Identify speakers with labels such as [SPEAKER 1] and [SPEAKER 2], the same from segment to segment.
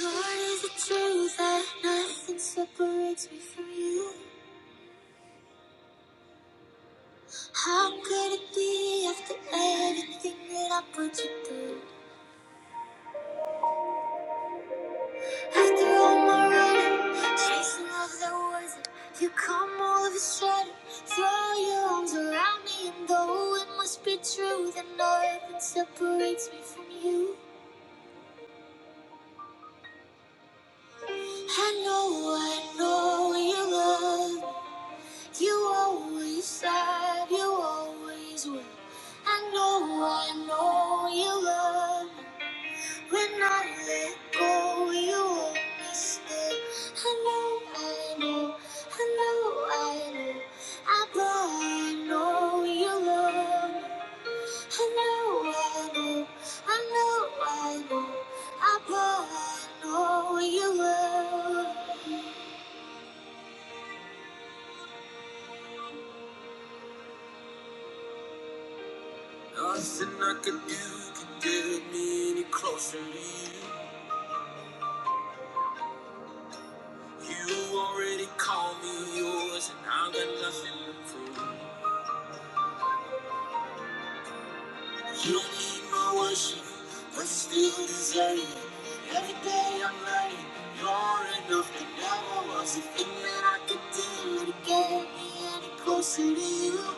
[SPEAKER 1] Lord, is it true that nothing separates me from you? How could it be after everything that I put you through? After all my running, chasing love that wasn't, you come all of a sudden, throw your arms around me, and though it must be true that nothing separates me from you, I know, I know you love. You always said you always will. I know, I know you love me. When I let go, you always stay. I know, I know, I know, I know. I know, I know you love me. I know, I know, I know, I know. I know, I know you love me. Think that I could do to get me any closer to you.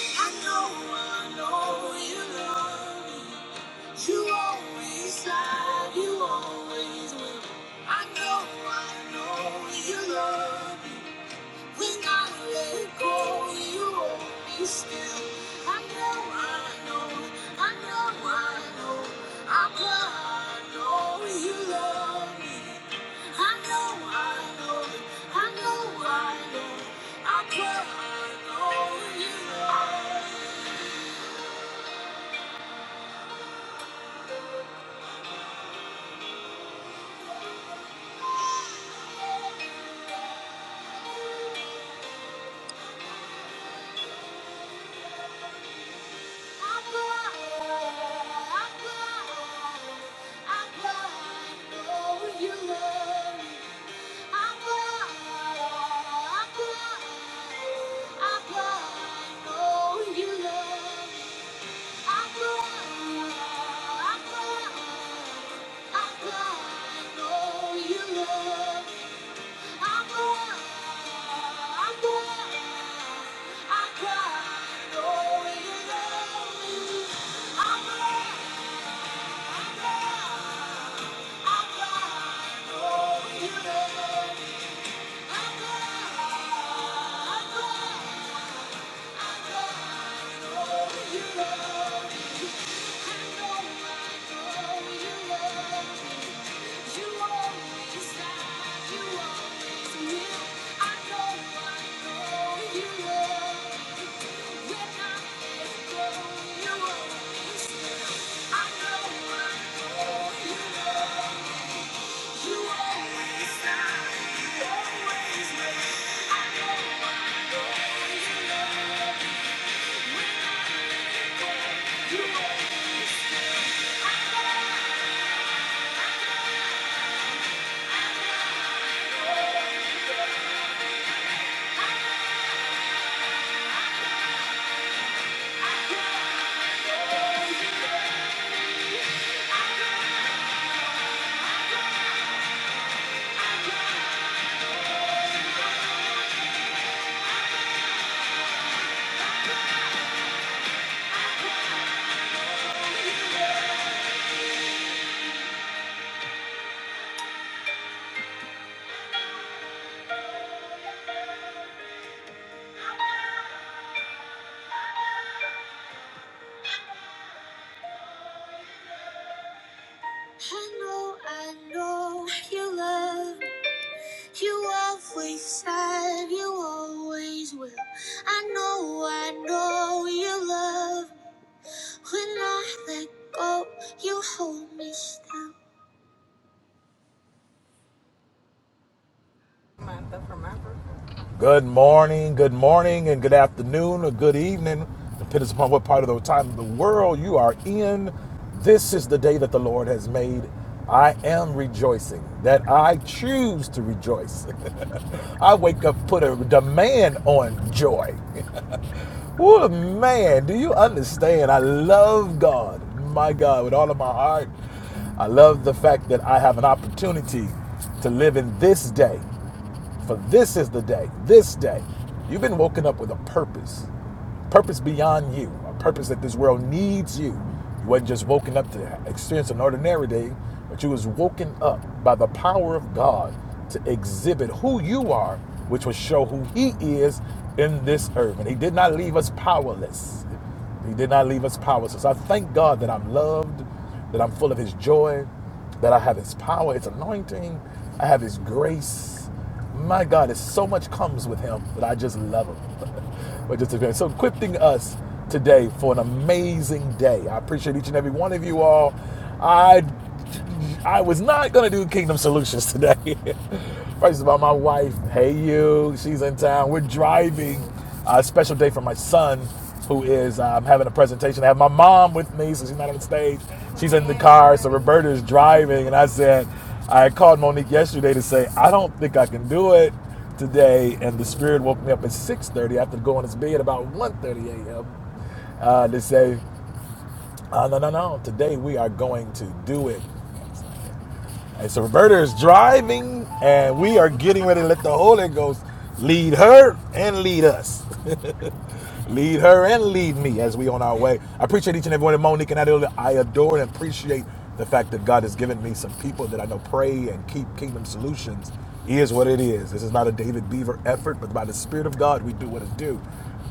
[SPEAKER 1] I know, I know you love me. You always have, you always will. I know, I know you love me. When I let go, you hold me still. I know, I know, I know, I know. I know, I know you love me. I know, I know, I know, I know. I know, I know you love me. I know, I know, I know, I know you love me. I apa, apa, know you love me. Apa, apa, apa, know you love me. Apa, apa, apa, know you love me. know you love me. Apa, apa, I I know, I know you. love know, I know you love. You always have, you always will. I know, I know you love. When I let go, you hold me still.
[SPEAKER 2] Good morning, good morning, and good afternoon, or good evening, depending upon what part of the time of the world you are in. This is the day that the Lord has made. I am rejoicing that I choose to rejoice. I wake up, put a demand on joy. What a man, do you understand? I love God, my God, with all of my heart. I love the fact that I have an opportunity to live in this day. For this is the day, this day. You've been woken up with a purpose purpose beyond you, a purpose that this world needs you. You wasn't just woken up to experience an ordinary day, but you was woken up by the power of God to exhibit who you are, which will show who He is in this earth. And He did not leave us powerless. He did not leave us powerless. So I thank God that I'm loved, that I'm full of His joy, that I have His power, His anointing, I have His grace. My God, it's so much comes with Him that I just love Him. or just experience. So equipping us today for an amazing day. I appreciate each and every one of you all. I I was not gonna do Kingdom Solutions today. First of all, my wife, hey you, she's in town. We're driving a special day for my son, who is um, having a presentation. I have my mom with me, so she's not on the stage. She's in the car, so Roberta is driving, and I said, I called Monique yesterday to say I don't think I can do it today, and the spirit woke me up at 6:30 after going to bed about one thirty a.m. Uh, to say, uh, no, no, no, today we are going to do it. And so Roberta is driving, and we are getting ready to let the Holy Ghost lead her and lead us lead her and lead me as we on our way. I appreciate each and every one of Monique and Adeola. I adore and appreciate the fact that God has given me some people that I know pray and keep kingdom solutions is what it is. This is not a David Beaver effort, but by the Spirit of God, we do what it do.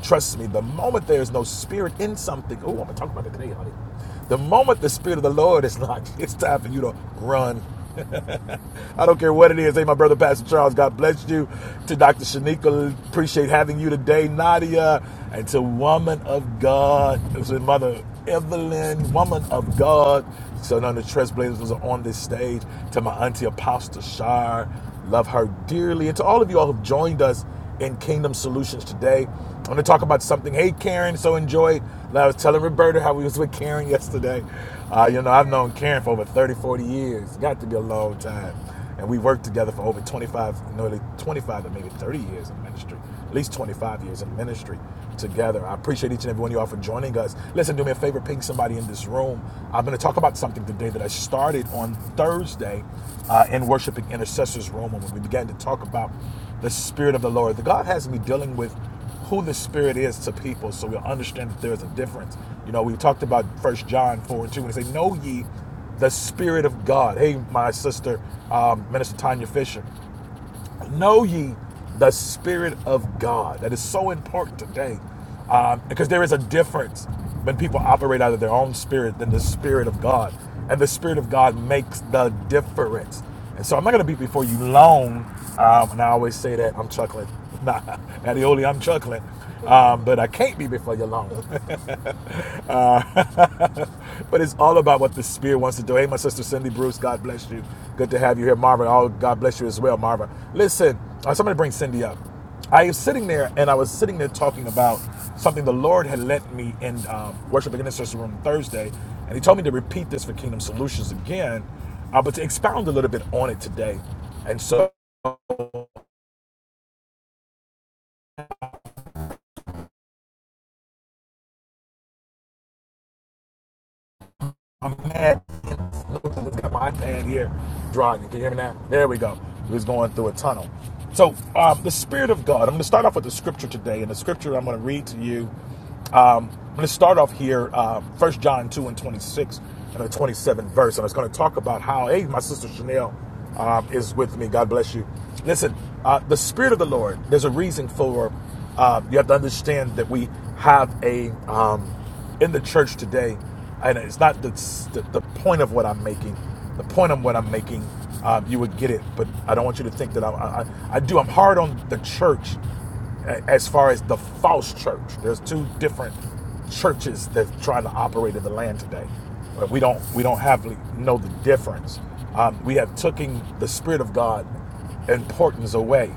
[SPEAKER 2] Trust me, the moment there is no spirit in something, oh, I'm gonna talk about it today, honey. The moment the spirit of the Lord is not, it's time for you to run I don't care what it is. Hey, my brother, Pastor Charles, God bless you. To Dr. Shanika, appreciate having you today, Nadia. And to Woman of God, to Mother Evelyn, Woman of God. So none of the Tresplayers was on this stage. To my auntie Apostle Shar. Love her dearly. And to all of you all who've joined us in Kingdom Solutions today, I'm going to talk about something. Hey, Karen, so enjoy. Like, I was telling Roberta how we was with Karen yesterday. Uh, you know, I've known Karen for over 30, 40 years. Got to be a long time. And we worked together for over 25, nearly 25 to maybe 30 years in ministry at least 25 years in ministry together. I appreciate each and every one of y'all for joining us. Listen, do me a favor, ping somebody in this room. I'm going to talk about something today that I started on Thursday uh, in Worshiping Intercessors Room when we began to talk about the Spirit of the Lord. The God has me dealing with who the Spirit is to people so we'll understand that there's a difference. You know, we talked about First John 4 and 2, and it say, Know ye the Spirit of God. Hey, my sister, um, Minister Tanya Fisher know ye the spirit of god that is so important today um, because there is a difference when people operate out of their own spirit than the spirit of god and the spirit of god makes the difference and so i'm not going to be before you long um, and i always say that i'm chuckling nah, Adioli, i'm chuckling um, but i can't be before you long but it's all about what the spirit wants to do. Hey, my sister Cindy Bruce, God bless you. Good to have you here, Marva. Oh, God bless you as well, Marva. Listen, uh, somebody bring Cindy up. I was sitting there, and I was sitting there talking about something the Lord had led me in um, worship and intercession room Thursday, and He told me to repeat this for Kingdom Solutions again, uh, but to expound a little bit on it today. And so I'm mad Let's get my hand here. drawing. Can you hear me now? There we go. He was going through a tunnel. So, um, the Spirit of God. I'm going to start off with the scripture today. And the scripture I'm going to read to you. Um, I'm going to start off here, uh, 1 John 2 and 26 and the 27th verse. And it's going to talk about how, hey, my sister Chanel um, is with me. God bless you. Listen, uh, the Spirit of the Lord, there's a reason for, uh, you have to understand that we have a, um, in the church today, and it's not the, the, the point of what I'm making, the point of what I'm making, um, you would get it, but I don't want you to think that I, I, I do. I'm hard on the church as far as the false church. There's two different churches that try to operate in the land today. But we don't we don't have like, know the difference. Um, we have taken the spirit of God importance away.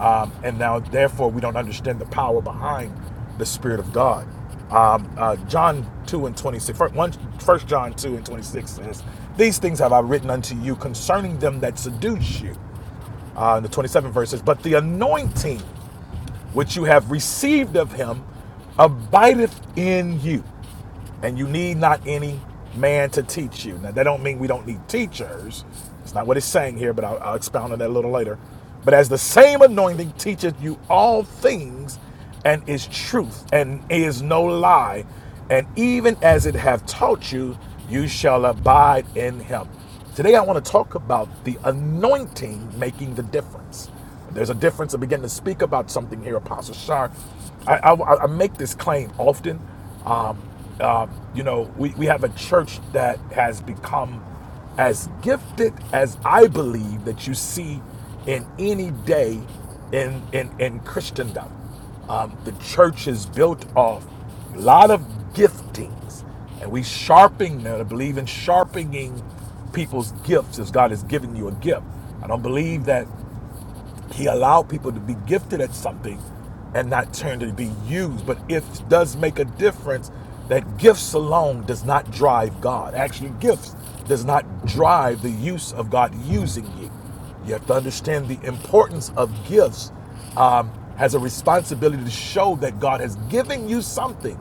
[SPEAKER 2] Um, and now, therefore, we don't understand the power behind the Spirit of God. Um, uh, John 2 and 26, fir- John 2 and 26 says, These things have I written unto you concerning them that seduce you. Uh, in the 27 verses, but the anointing which you have received of him abideth in you and you need not any man to teach you now that don't mean we don't need teachers it's not what it's saying here but i'll, I'll expound on that a little later but as the same anointing teacheth you all things and is truth and is no lie and even as it hath taught you you shall abide in him Today, I want to talk about the anointing making the difference. There's a difference. I begin to speak about something here, Apostle Shar. I, I- I make this claim often. Um, um, you know, we, we have a church that has become as gifted as I believe that you see in any day in, in, in Christendom. Um, the church is built off a lot of giftings. And we sharpening I believe in sharpening people's gifts as God has given you a gift. I don't believe that He allowed people to be gifted at something and not turn to be used. But it does make a difference that gifts alone does not drive God. Actually, gifts does not drive the use of God using you. You have to understand the importance of gifts um, has a responsibility to show that God has given you something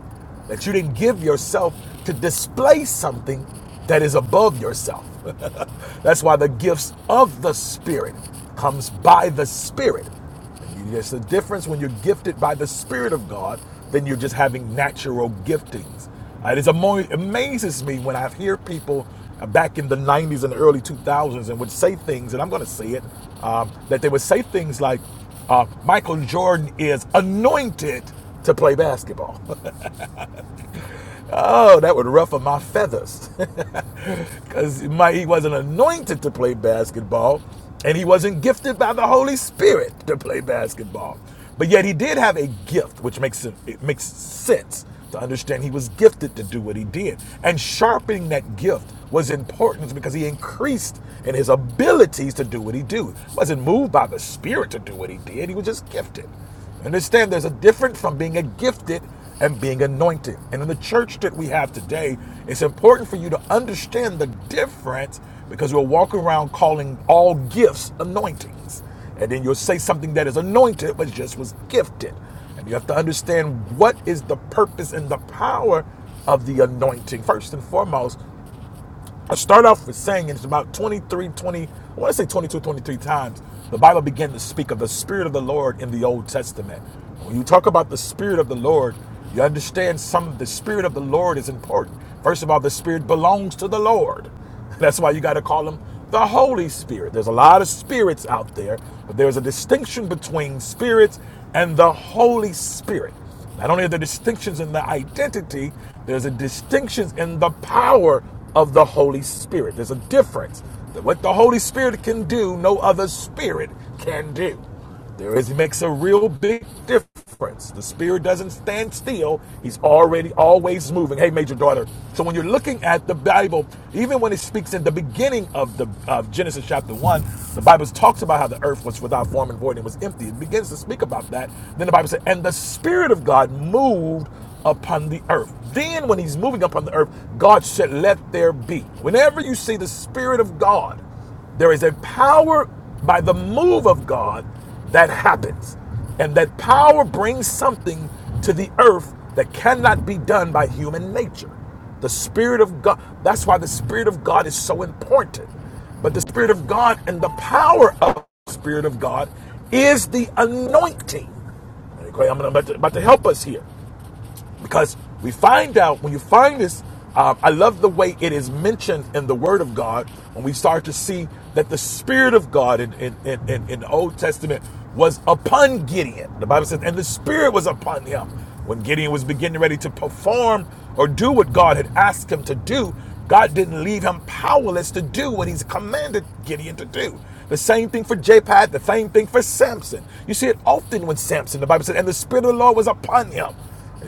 [SPEAKER 2] that you didn't give yourself to display something that is above yourself. That's why the gifts of the Spirit comes by the Spirit. There's a difference when you're gifted by the Spirit of God than you're just having natural giftings. Uh, It amazes me when I hear people uh, back in the 90s and the early 2000s and would say things, and I'm going to say it, um, that they would say things like, uh, Michael Jordan is anointed to play basketball. Oh, that would ruffle my feathers. Because he wasn't anointed to play basketball, and he wasn't gifted by the Holy Spirit to play basketball. But yet he did have a gift, which makes it, it makes sense to understand he was gifted to do what he did. And sharpening that gift was important because he increased in his abilities to do what he do. He Wasn't moved by the Spirit to do what he did. He was just gifted. Understand there's a difference from being a gifted and being anointed. And in the church that we have today, it's important for you to understand the difference because we'll walk around calling all gifts anointings. And then you'll say something that is anointed but just was gifted. And you have to understand what is the purpose and the power of the anointing. First and foremost, I start off with saying, and it's about 23, 20, I want to say 22, 23 times, the Bible began to speak of the Spirit of the Lord in the Old Testament. When you talk about the Spirit of the Lord, you understand some of the Spirit of the Lord is important. First of all, the Spirit belongs to the Lord. That's why you got to call him the Holy Spirit. There's a lot of spirits out there, but there's a distinction between spirits and the Holy Spirit. Not only are there distinctions in the identity, there's a distinctions in the power of the Holy Spirit. There's a difference that what the Holy Spirit can do, no other spirit can do. There is, it makes a real big difference. The spirit doesn't stand still. He's already always moving. Hey, major daughter. So when you're looking at the Bible, even when it speaks in the beginning of the of Genesis chapter one, the Bible talks about how the earth was without form and void and was empty. It begins to speak about that. Then the Bible said, and the spirit of God moved upon the earth. Then when he's moving upon the earth, God said, let there be. Whenever you see the spirit of God, there is a power by the move of God that happens. And that power brings something to the earth that cannot be done by human nature. The Spirit of God, that's why the Spirit of God is so important. But the Spirit of God and the power of the Spirit of God is the anointing. Okay, I'm about to, about to help us here because we find out when you find this uh, i love the way it is mentioned in the word of god when we start to see that the spirit of god in, in, in, in, the old testament was upon gideon the bible says and the spirit was upon him when gideon was beginning ready to perform or do what god had asked him to do god didn't leave him powerless to do what he's commanded gideon to do the same thing for japheth the same thing for samson you see it often when samson the bible says and the spirit of the lord was upon him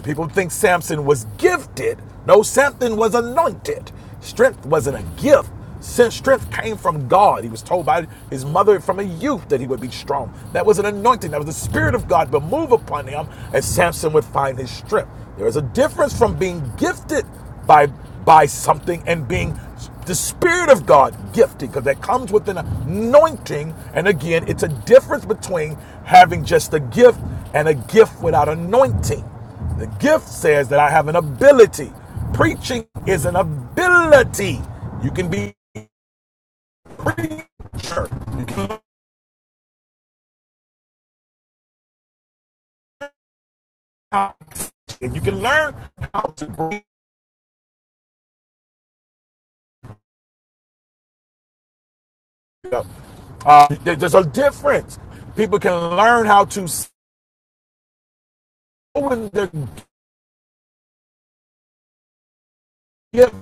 [SPEAKER 2] people think Samson was gifted. No, Samson was anointed. Strength wasn't a gift. Since strength came from God, he was told by his mother from a youth that he would be strong. That was an anointing. That was the Spirit of God would move upon him, and Samson would find his strength. There is a difference from being gifted by by something and being the Spirit of God gifted, because that comes with an anointing. And again, it's a difference between having just a gift and a gift without anointing. The gift says that I have an ability. Preaching is an ability. You can be a preacher. You can learn how, and you can learn how to bring it up. Uh, there's a difference. People can learn how to sow in their gift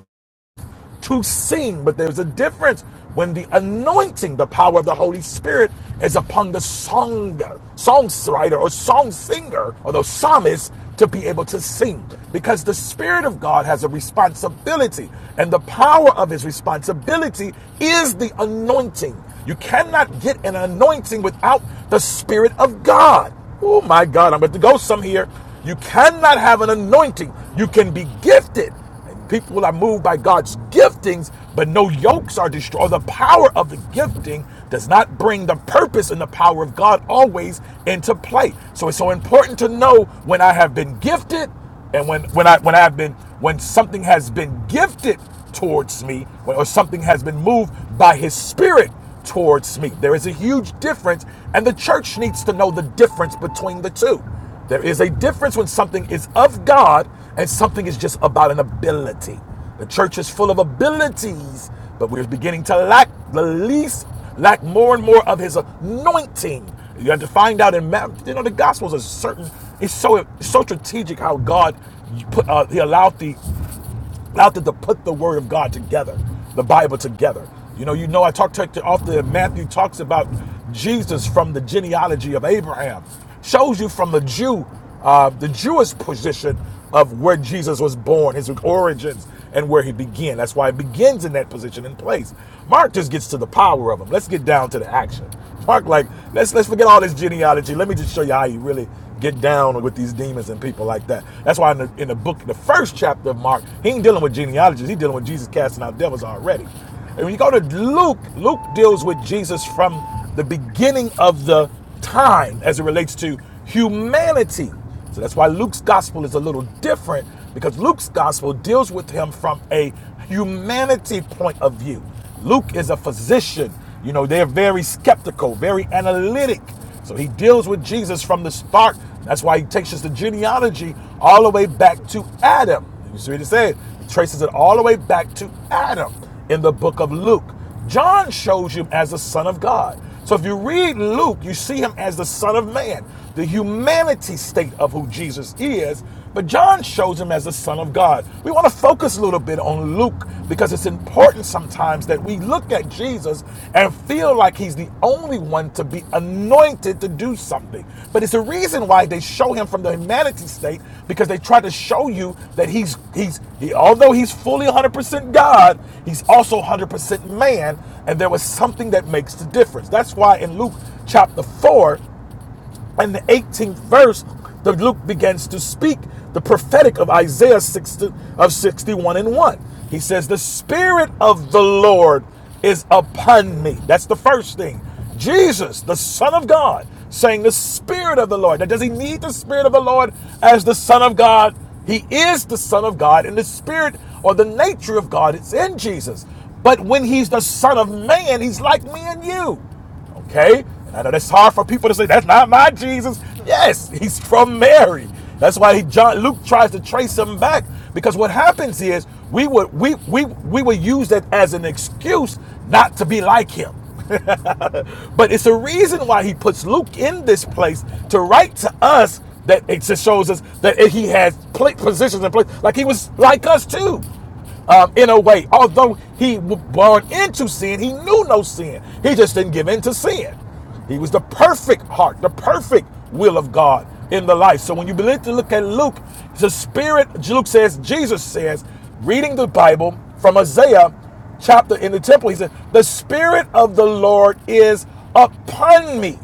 [SPEAKER 2] to sing, but there's a difference when the anointing, the power of the Holy Spirit, is upon the song songwriter or song singer or the psalmist to be able to sing. Because the Spirit of God has a responsibility, and the power of his responsibility is the anointing. You cannot get an anointing without the Spirit of God. Oh my God, I'm about to go some here. You cannot have an anointing. You can be gifted and People are moved by God's giftings, but no yokes are destroyed. The power of the gifting does not bring the purpose and the power of God always into play. So it's so important to know when I have been gifted and when when I when I have been when something has been gifted towards me or something has been moved by his spirit towards me. There is a huge difference, and the church needs to know the difference between the two. There is a difference when something is of God and something is just about an ability. The church is full of abilities, but we're beginning to lack the least, lack more and more of his anointing. You have to find out in you know, the gospels are certain, it's so it's so strategic how God put uh, he allowed the after to put the word of God together, the Bible together. You know, you know, I talked to often Matthew talks about Jesus from the genealogy of Abraham, shows you from the Jew, uh, the Jewish position of where Jesus was born, his origins, and where he began. That's why it begins in that position and place. Mark just gets to the power of him. Let's get down to the action. Park like, let's let's forget all this genealogy. Let me just show you how you really get down with these demons and people like that. That's why in the, in the book, the first chapter of Mark, he ain't dealing with genealogies. He's dealing with Jesus casting out devils already. And when you go to Luke, Luke deals with Jesus from the beginning of the time as it relates to humanity. So that's why Luke's gospel is a little different because Luke's gospel deals with him from a humanity point of view. Luke is a physician. You know, they're very skeptical, very analytic. So he deals with Jesus from the start. That's why he takes us the genealogy all the way back to Adam. You see what he said? He traces it all the way back to Adam in the book of Luke. John shows you as the Son of God. So if you read Luke, you see him as the Son of Man, the humanity state of who Jesus is. But John shows him as the Son of God. We want to focus a little bit on Luke because it's important sometimes that we look at Jesus and feel like he's the the only one to be anointed to do something. But it's a reason why they show him from the humanity state because they try to show you that he's he's he, although he's fully 100% God, he's also 100% man, and there was something that makes the difference. That's why in Luke chapter 4, and the 18th verse, the Luke begins to speak the prophetic of Isaiah 60, of 61 and 1. He says, The Spirit of the Lord is upon me. That's the first thing. Jesus, the Son of God, saying, The Spirit of the Lord. Now, does he need the Spirit of the Lord as the Son of God? He is the Son of God, and the Spirit or the nature of God is in Jesus. But when he's the Son of Man, he's like me and you. Okay? And I know that's hard for people to say, that's not my Jesus. Yes, he's from Mary. That's why he, John Luke tries to trace him back. Because what happens is we would we we we would use that as an excuse not to be like him. but it's a reason why he puts Luke in this place to write to us that it just shows us that he has positions in place, like he was like us too um, in a way. Although he was born into sin, he knew no sin. He just didn't give in to sin. He was the perfect heart, the perfect will of God in the life. So when you begin to look at Luke, the Spirit, Luke says, Jesus says, reading the Bible from Isaiah chapter in the temple, he said, The Spirit of the Lord is upon me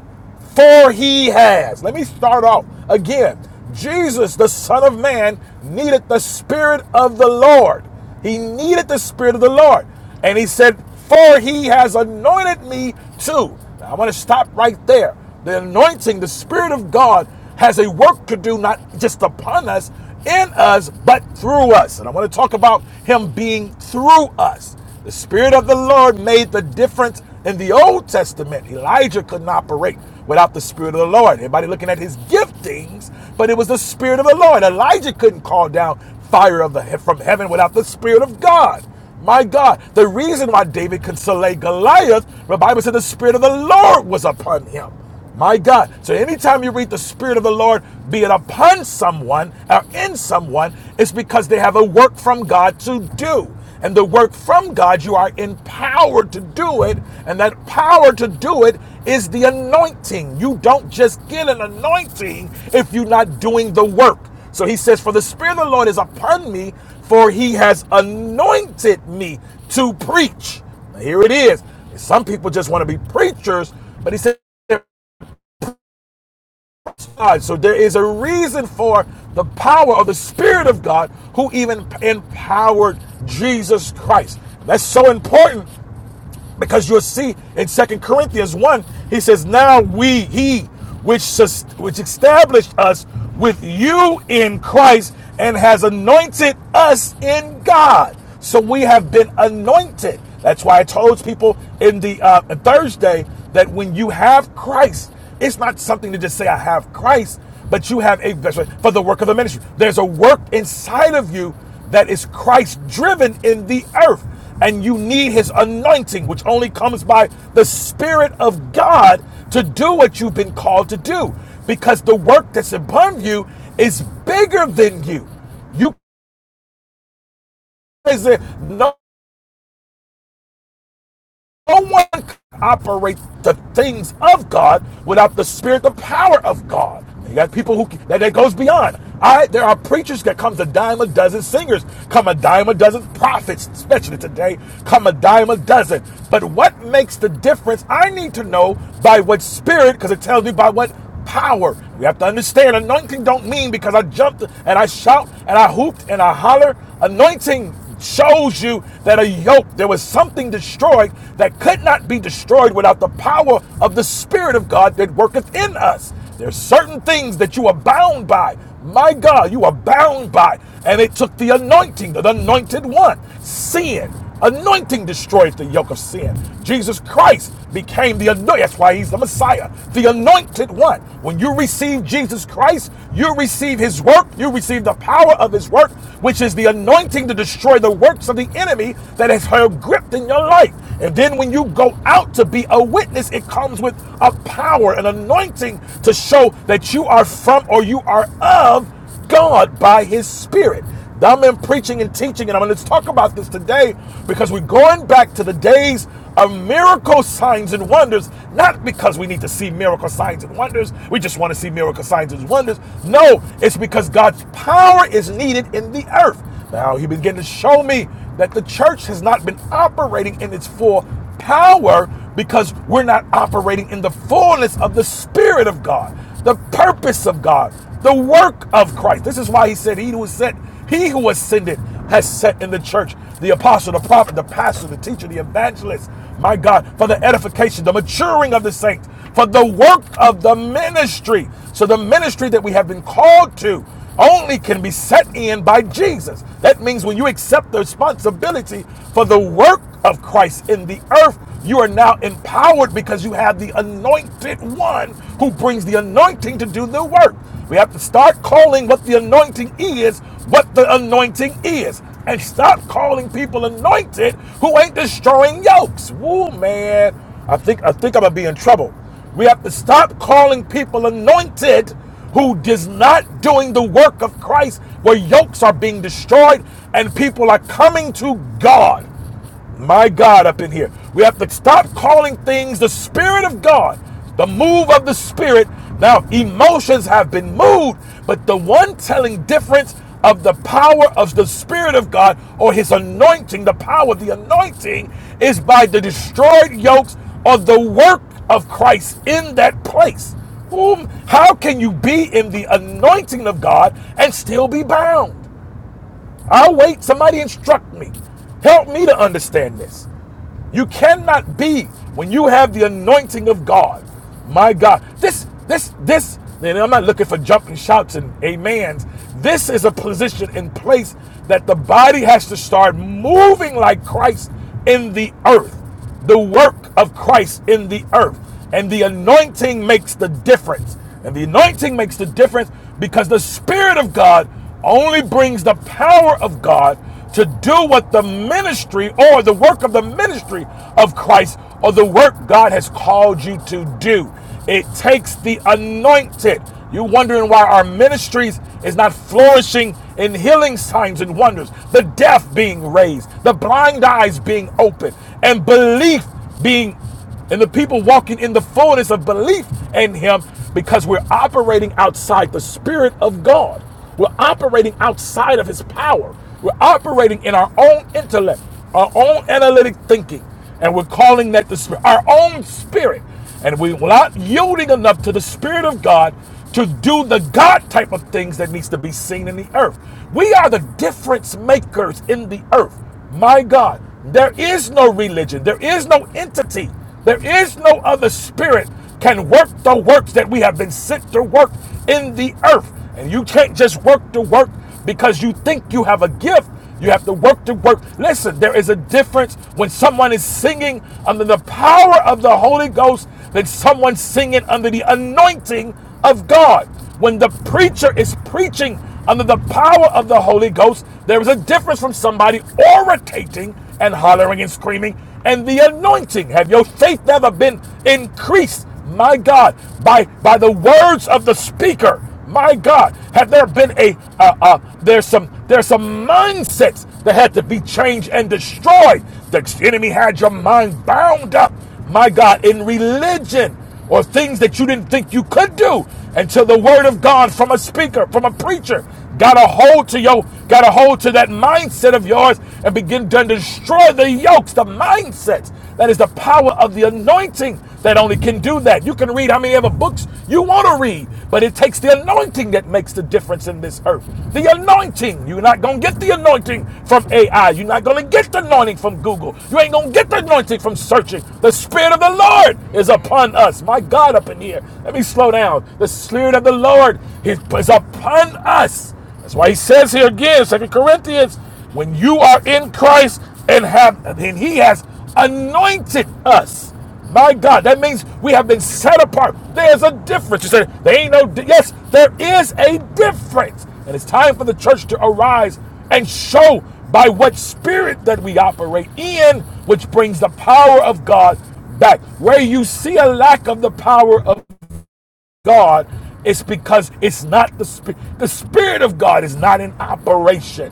[SPEAKER 2] for he has. Let me start off again. Jesus, the Son of Man, needed the Spirit of the Lord. He needed the Spirit of the Lord. And he said, For he has anointed me too. Now, i want to stop right there. The anointing, the Spirit of God, has a work to do, not just upon us, in us, but through us. And I want to talk about him being through us. The Spirit of the Lord made the difference in the Old Testament. Elijah couldn't operate without the Spirit of the Lord. Everybody looking at his giftings, but it was the Spirit of the Lord. Elijah couldn't call down fire of the he- from heaven without the Spirit of God. My God, the reason why David could slay Goliath, the Bible said the Spirit of the Lord was upon him. My God. So anytime you read the Spirit of the Lord, be it upon someone or in someone, it's because they have a work from God to do. And the work from God, you are empowered to do it. And that power to do it is the anointing. You don't just get an anointing if you're not doing the work. So he says, For the Spirit of the Lord is upon me, for he has anointed me to preach. Now, here it is. Some people just want to be preachers, but he said, God. So there is a reason for the power of the Spirit of God who even empowered Jesus Christ. That's so important because you'll see in Second Corinthians 1, he says, Now we, he, which, which established us with you in Christ and has anointed us in God. So we have been anointed. That's why I told people in the uh, Thursday that when you have Christ, it's not something to just say, I have Christ, but you have a vessel for the work of the ministry. There's a work inside of you that is Christ driven in the earth. And you need his anointing, which only comes by the Spirit of God to do what you've been called to do. Because the work that's upon you is bigger than you. You is it no No one can operate the things of God without the spirit, the power of God. You got people who that, that goes beyond. I there are preachers that comes a dime a dozen singers, come a dime a dozen prophets, especially today, come a dime a dozen. But what makes the difference? I need to know by what spirit, because it tells me by what power. We have to understand anointing don't mean because I jumped and I shout and I hooped and I holler. Anointing shows you that a yoke, there was something destroyed that could not be destroyed without the power of the Spirit of God that worketh in us. There's certain things that you are bound by. My God, you are bound by. And it took the anointing, the anointed one, sin. Anointing destroys the yoke of sin. Jesus Christ became the anointed. That's why he's the Messiah, the anointed one. When you receive Jesus Christ, you receive his work, you receive the power of his work, which is the anointing to destroy the works of the enemy that has held grip in your life. And then when you go out to be a witness, it comes with a power, an anointing to show that you are from or you are of God by his spirit. I'm in preaching and teaching, and I'm going to talk about this today because we're going back to the days of miracle signs and wonders, not because we need to see miracle signs and wonders. We just want to see miracle signs and wonders. No, it's because God's power is needed in the earth. Now, he began to show me that the church has not been operating in its full power because we're not operating in the fullness of the Spirit of God, the purpose of God, the work of Christ. This is why he said, He who was sent, he who ascended has set in the church the apostle, the prophet, the pastor, the teacher, the evangelist, my God, for the edification, the maturing of the saints, for the work of the ministry. So the ministry that we have been called to only can be set in by Jesus. That means when you accept the responsibility for the work of Christ in the earth, you are now empowered because you have the anointed one who brings the anointing to do the work. We have to start calling what the anointing is what the anointing is and stop calling people anointed who ain't destroying yokes. Woo, man. I think I think I'm gonna be in trouble. We have to stop calling people anointed who is not doing the work of Christ, where yokes are being destroyed and people are coming to God. My God, up in here. We have to stop calling things the Spirit of God, the move of the Spirit. Now, emotions have been moved, but the one telling difference of the power of the Spirit of God or His anointing, the power of the anointing, is by the destroyed yokes of the work of Christ in that place. how can you be in the anointing of God and still be bound? I'll wait. Somebody instruct me. Help me to understand this. You cannot be when you have the anointing of God. My God. This, this, this, and I'm not looking for jumping shouts and amens. This is a position and place that the body has to start moving like Christ in the earth the work of Christ in the earth. And the anointing makes the difference. And the anointing makes the difference because the Spirit of God only brings the power of God to do what the ministry or the work of the ministry of Christ or the work God has called you to do. It takes the anointed. You wondering why our ministries is not flourishing in healing signs and wonders, the deaf being raised, the blind eyes being opened, and belief being and the people walking in the fullness of belief in him because we're operating outside the spirit of God. We're operating outside of his power. We're operating in our own intellect, our own analytic thinking, and we're calling that the spirit, our own spirit and we're not yielding enough to the Spirit of God to do the God type of things that needs to be seen in the earth. We are the difference makers in the earth. My God, there is no religion, there is no entity, there is no other spirit can work the works that we have been sent to work in the earth. And you can't just work the work because you think you have a gift you have to work to work. Listen, there is a difference when someone is singing under the power of the Holy Ghost than someone singing under the anointing of God. When the preacher is preaching under the power of the Holy Ghost, there is a difference from somebody orating and hollering and screaming and the anointing. Have your faith never been increased, my God, by, by the words of the speaker? My God, have there been a uh, uh, there's some there's some mindsets that had to be changed and destroyed. The enemy had your mind bound up. My God, in religion or things that you didn't think you could do until the word of God from a speaker, from a preacher Got a hold to your, got a hold to that mindset of yours and begin to destroy the yokes, the mindsets. That is the power of the anointing that only can do that. You can read how many other books you want to read, but it takes the anointing that makes the difference in this earth. The anointing. You're not going to get the anointing from AI. You're not going to get the anointing from Google. You ain't going to get the anointing from searching. The Spirit of the Lord is upon us. My God, up in here. Let me slow down. The Spirit of the Lord. Lord is, upon us. That's why he says here again, Second Corinthians, when you are in Christ and have and he has anointed us. My God, that means we have been set apart. There's a difference. You said there ain't no di- yes, there is a difference. And it's time for the church to arise and show by what spirit that we operate in, which brings the power of God back. Where you see a lack of the power of God, it's because it's not the spirit. The spirit of God is not in operation.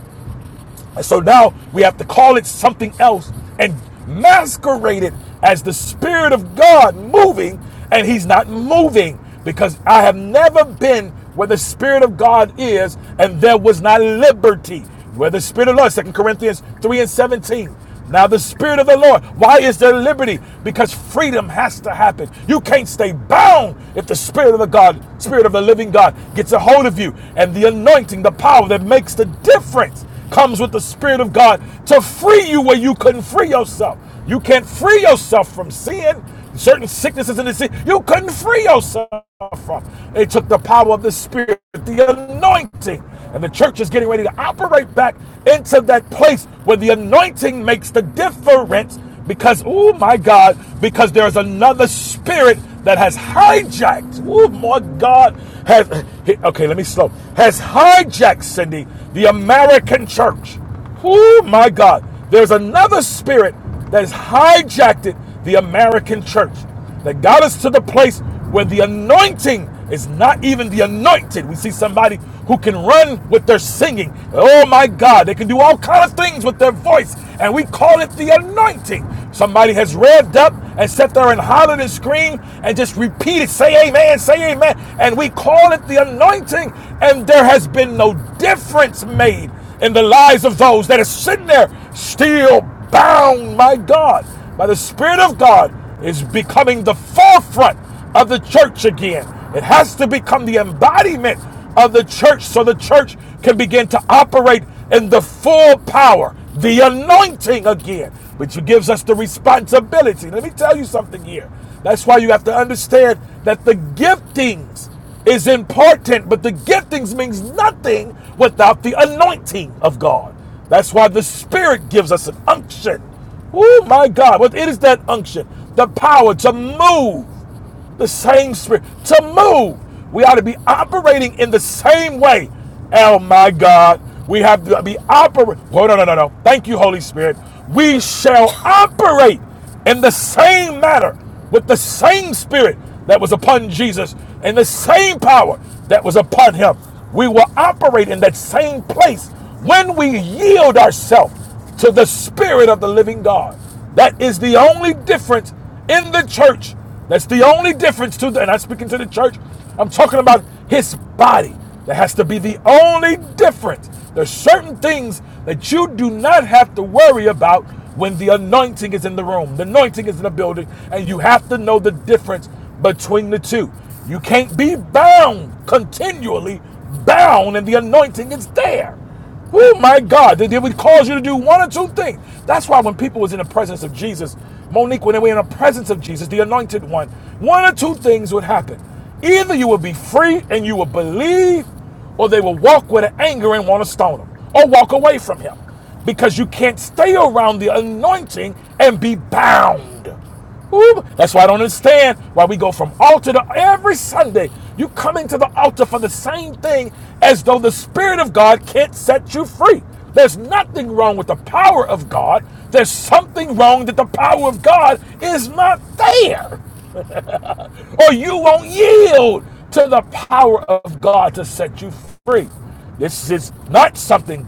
[SPEAKER 2] And so now we have to call it something else and masquerade it as the spirit of God moving, and he's not moving because I have never been where the spirit of God is and there was not liberty. Where the spirit of the Lord, 2 Corinthians 3 and 17. Now, the Spirit of the Lord, why is there liberty? Because freedom has to happen. You can't stay bound if the Spirit of the God, Spirit of the living God, gets a hold of you. And the anointing, the power that makes the difference comes with the Spirit of God to free you where you couldn't free yourself. You can't free yourself from sin. Certain sicknesses in the sin, you couldn't free yourself from. They took the power of the Spirit, the anointing, and the church is getting ready to operate back into that place where the anointing makes the difference. Because, oh my God, because there's another spirit that has hijacked. Oh my God, has okay. Let me slow. Has hijacked Cindy the American church. Oh my God. There's another spirit that has hijacked it, the American church, that got us to the place where the anointing is not even the anointed. We see somebody who can run with their singing. Oh my God, they can do all kind of things with their voice, and we call it the anointing. Somebody has revved up and sat there and hollered and screamed and just repeated, say amen, say amen, and we call it the anointing, and there has been no difference made in the lives of those that are sitting there still bound, my God, by the Spirit of God is becoming the forefront of the church again. It has to become the embodiment of the church so the church can begin to operate in the full power, the anointing again, which gives us the responsibility. Let me tell you something here. That's why you have to understand that the giftings is important, but the giftings means nothing without the anointing of God. That's why the Spirit gives us an unction. Oh my God, what it is that unction, the power to move, the same Spirit to move. We ought to be operating in the same way. Oh my God, we have to be operating. Oh no, no, no, no. Thank you, Holy Spirit. We shall operate in the same manner with the same spirit that was upon Jesus and the same power that was upon him. We will operate in that same place when we yield ourselves to the spirit of the living God. That is the only difference in the church that's the only difference to the, And I'm speaking to the church. I'm talking about his body. That has to be the only difference. There's certain things that you do not have to worry about when the anointing is in the room. The anointing is in the building, and you have to know the difference between the two. You can't be bound continually, bound, and the anointing is there. Oh my God, that it would cause you to do one or two things. That's why when people was in the presence of Jesus, Monique, when they were in the presence of Jesus, the anointed one, one or two things would happen. Either you would be free and you would believe, or they would walk with an anger and want to stone him, or walk away from him. Because you can't stay around the anointing and be bound. Ooh, that's why I don't understand why we go from altar to every Sunday. You come into the altar for the same thing as though the Spirit of God can't set you free. There's nothing wrong with the power of God. There's something wrong that the power of God is not there. Or you won't yield to the power of God to set you free. This is not something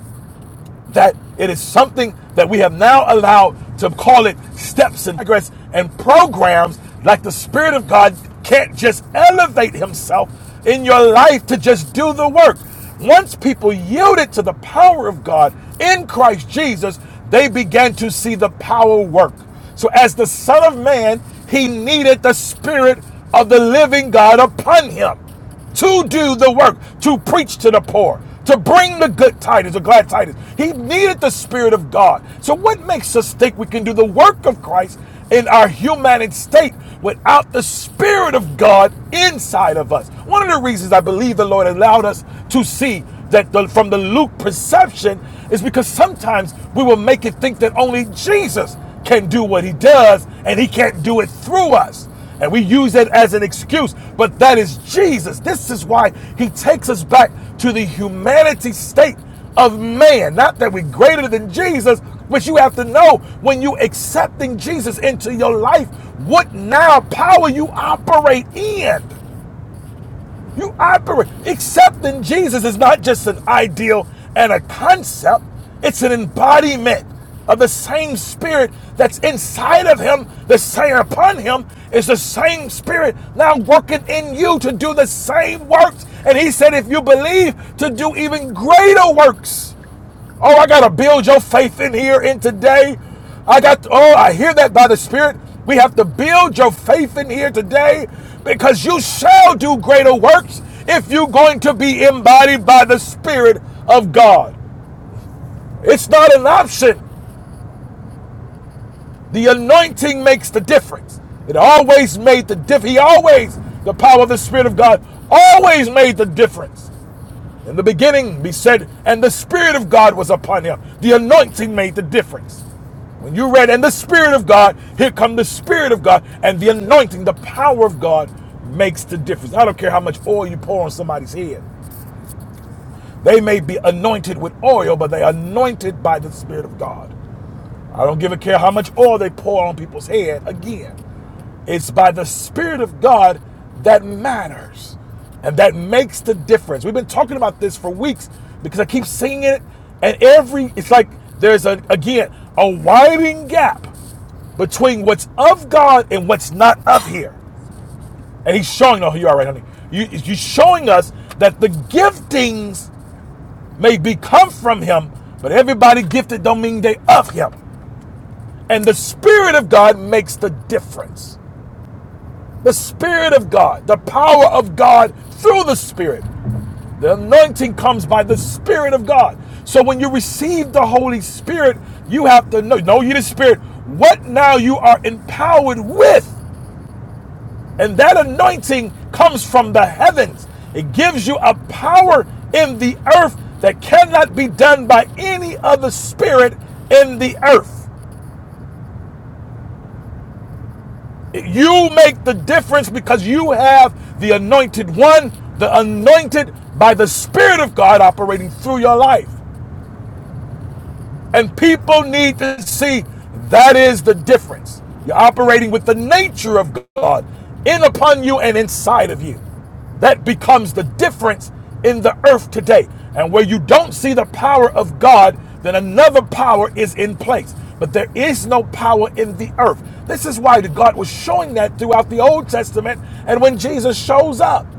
[SPEAKER 2] that it is something that we have now allowed to call it steps and progress and programs like the Spirit of God can't just elevate Himself in your life to just do the work. Once people yielded to the power of God in Christ Jesus, they began to see the power work. So, as the Son of Man, He needed the Spirit of the living God upon Him to do the work, to preach to the poor, to bring the good tidings, the glad tidings. He needed the Spirit of God. So, what makes us think we can do the work of Christ in our human state without the Spirit of God inside of us? One of the reasons I believe the Lord allowed us to see that the, from the Luke perception is because sometimes we will make it think that only Jesus can do what he does, and he can't do it through us. And we use it as an excuse, but that is Jesus. This is why he takes us back to the humanity state of man. Not that we're greater than Jesus, but you have to know when you accepting Jesus into your life, what now power you operate in. You operate. Accepting Jesus is not just an ideal and a concept, it's an embodiment of the same spirit that's inside of him, the same upon him is the same spirit now working in you to do the same works. And he said, if you believe, to do even greater works. Oh, I got to build your faith in here in today. I got, to, oh, I hear that by the Spirit. We have to build your faith in here today because you shall do greater works if you're going to be embodied by the Spirit of God. It's not an option. The anointing makes the difference. It always made the difference. He always, the power of the Spirit of God, always made the difference. In the beginning, be said, and the Spirit of God was upon him. The anointing made the difference. When you read, and the Spirit of God, here come the Spirit of God, and the anointing, the power of God makes the difference. I don't care how much oil you pour on somebody's head. They may be anointed with oil, but they are anointed by the Spirit of God. I don't give a care how much oil they pour on people's head again. It's by the Spirit of God that matters and that makes the difference. We've been talking about this for weeks because I keep seeing it, and every it's like there's a again a widening gap between what's of God and what's not of here. And he's showing, oh, you are right, honey. You, you're showing us that the giftings may be come from him, but everybody gifted don't mean they of him. And the Spirit of God makes the difference. the Spirit of God, the power of God through the Spirit. The anointing comes by the Spirit of God. So when you receive the Holy Spirit, you have to know, know you the Spirit, what now you are empowered with. And that anointing comes from the heavens. It gives you a power in the earth that cannot be done by any other spirit in the earth. You make the difference because you have the anointed one, the anointed by the Spirit of God operating through your life. And people need to see that is the difference. You're operating with the nature of God in upon you and inside of you. That becomes the difference in the earth today. And where you don't see the power of God, then another power is in place. But there is no power in the earth. This is why God was showing that throughout the Old Testament and when Jesus shows up.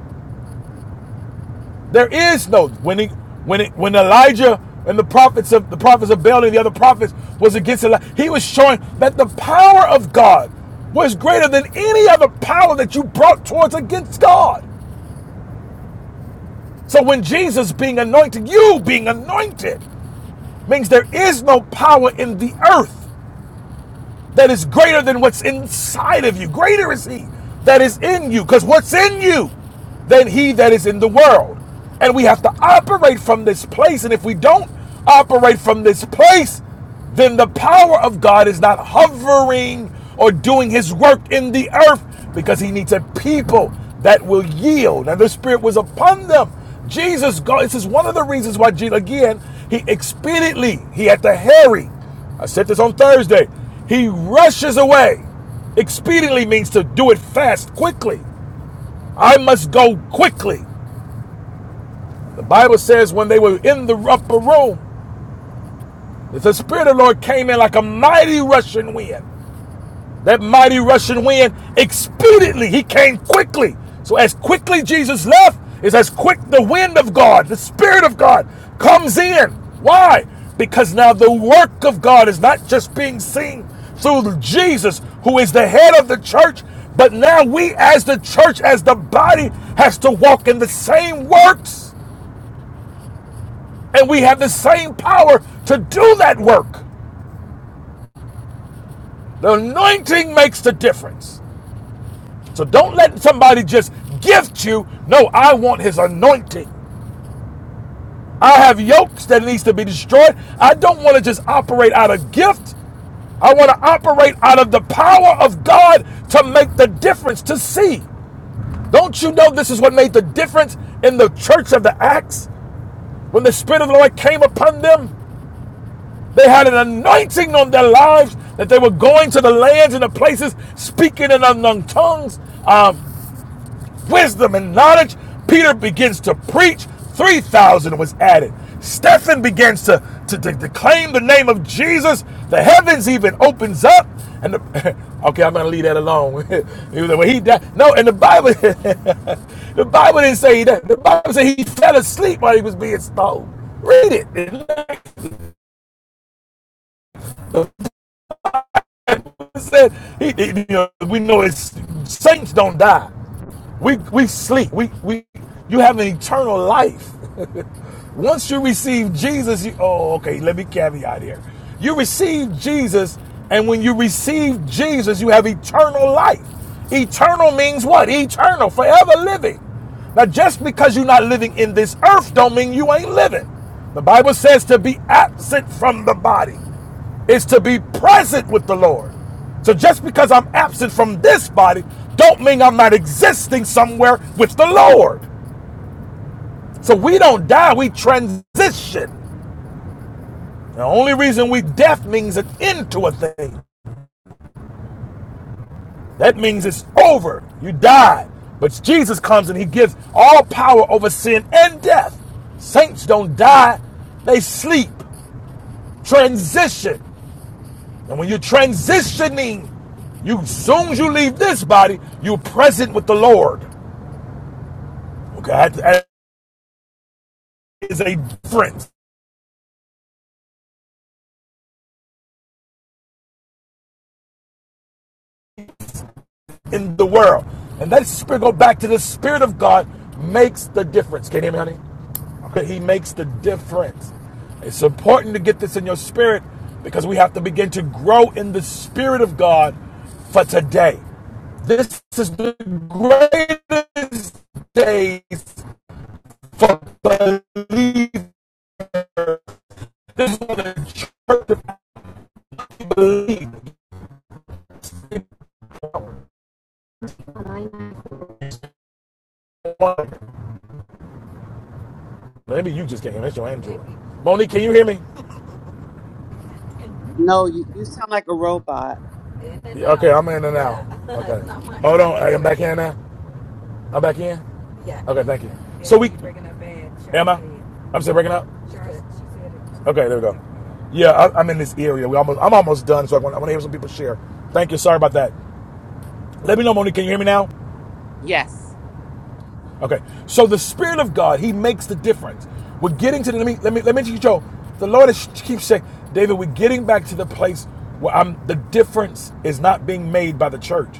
[SPEAKER 2] There is no when it, when it, when Elijah and the prophets of the prophets of Baal and the other prophets was against Elijah. He was showing that the power of God was greater than any other power that you brought towards against God. So when Jesus being anointed, you being anointed means there is no power in the earth that is greater than what's inside of you. Greater is he that is in you, because what's in you than he that is in the world. And we have to operate from this place. And if we don't operate from this place, then the power of God is not hovering or doing his work in the earth because he needs a people that will yield. And the Spirit was upon them. Jesus, God, this is one of the reasons why, again, he expediently, he had to hurry I said this on Thursday. He rushes away. Expediently means to do it fast, quickly. I must go quickly. The Bible says when they were in the upper room, the Spirit of the Lord came in like a mighty rushing wind. That mighty Russian wind expediently, he came quickly. So, as quickly Jesus left, is as quick the wind of God, the Spirit of God comes in. Why? Because now the work of God is not just being seen through Jesus, who is the head of the church, but now we, as the church, as the body, has to walk in the same works, and we have the same power to do that work. The anointing makes the difference. So don't let somebody just gift you. No, I want his anointing. I have yokes that needs to be destroyed. I don't want to just operate out of gift. I want to operate out of the power of God to make the difference, to see. Don't you know this is what made the difference in the church of the Acts? When the Spirit of the Lord came upon them, they had an anointing on their lives that they were going to the lands and the places, speaking in unknown tongues, um, wisdom and knowledge, Peter begins to preach. 3,000 was added. Stephen begins to, to, to, to claim the name of Jesus. The heavens even opens up. And the, okay, I'm gonna leave that alone. he was like, well, he died. No, and the Bible, the Bible didn't say that. The Bible said he fell asleep while he was being stoned. Read it. It said he, it- you know, we know it's saints don't die. We we sleep. We we you have an eternal life. Once you receive Jesus, you, oh, okay, let me caveat here. You receive Jesus, and when you receive Jesus, you have eternal life. Eternal means what? Eternal, forever living. Now, just because you're not living in this earth, don't mean you ain't living. The Bible says to be absent from the body is to be present with the Lord. So just because I'm absent from this body, don't mean I'm not existing somewhere with the Lord. So we don't die, we transition. The only reason we death means an end to a thing. That means it's over. You die. But Jesus comes and he gives all power over sin and death. Saints don't die, they sleep. Transition. And when you're transitioning, you as soon as you leave this body, you're present with the Lord. Okay, that is a difference. in the world. And that spirit go back to the spirit of God makes the difference. Can you hear me, honey? Okay, he makes the difference. It's important to get this in your spirit because we have to begin to grow in the spirit of God for today. This is the greatest days for belief. This is what I believe. Maybe you just can't hear me. That's your Android. Monique, can you hear me?
[SPEAKER 1] No, you, you sound like a robot.
[SPEAKER 2] Yeah, Okay, I'm in and out. Okay. Hold on. hey, I'm back in now. I'm back in? Okay, thank you. Yeah, So we. Am I? I'm still breaking up? Okay, there we go. Yeah, I, I'm in this area. We almost, I'm almost done, so I want, I want to hear some people share. Thank you. Sorry about that. Let me know, Monique. Can you hear me now?
[SPEAKER 1] Yes.
[SPEAKER 2] Okay. So the Spirit of God, He makes the difference. We're getting to the let me let me let me teach you. The Lord is, keeps saying, David, we're getting back to the place where I'm the difference is not being made by the church.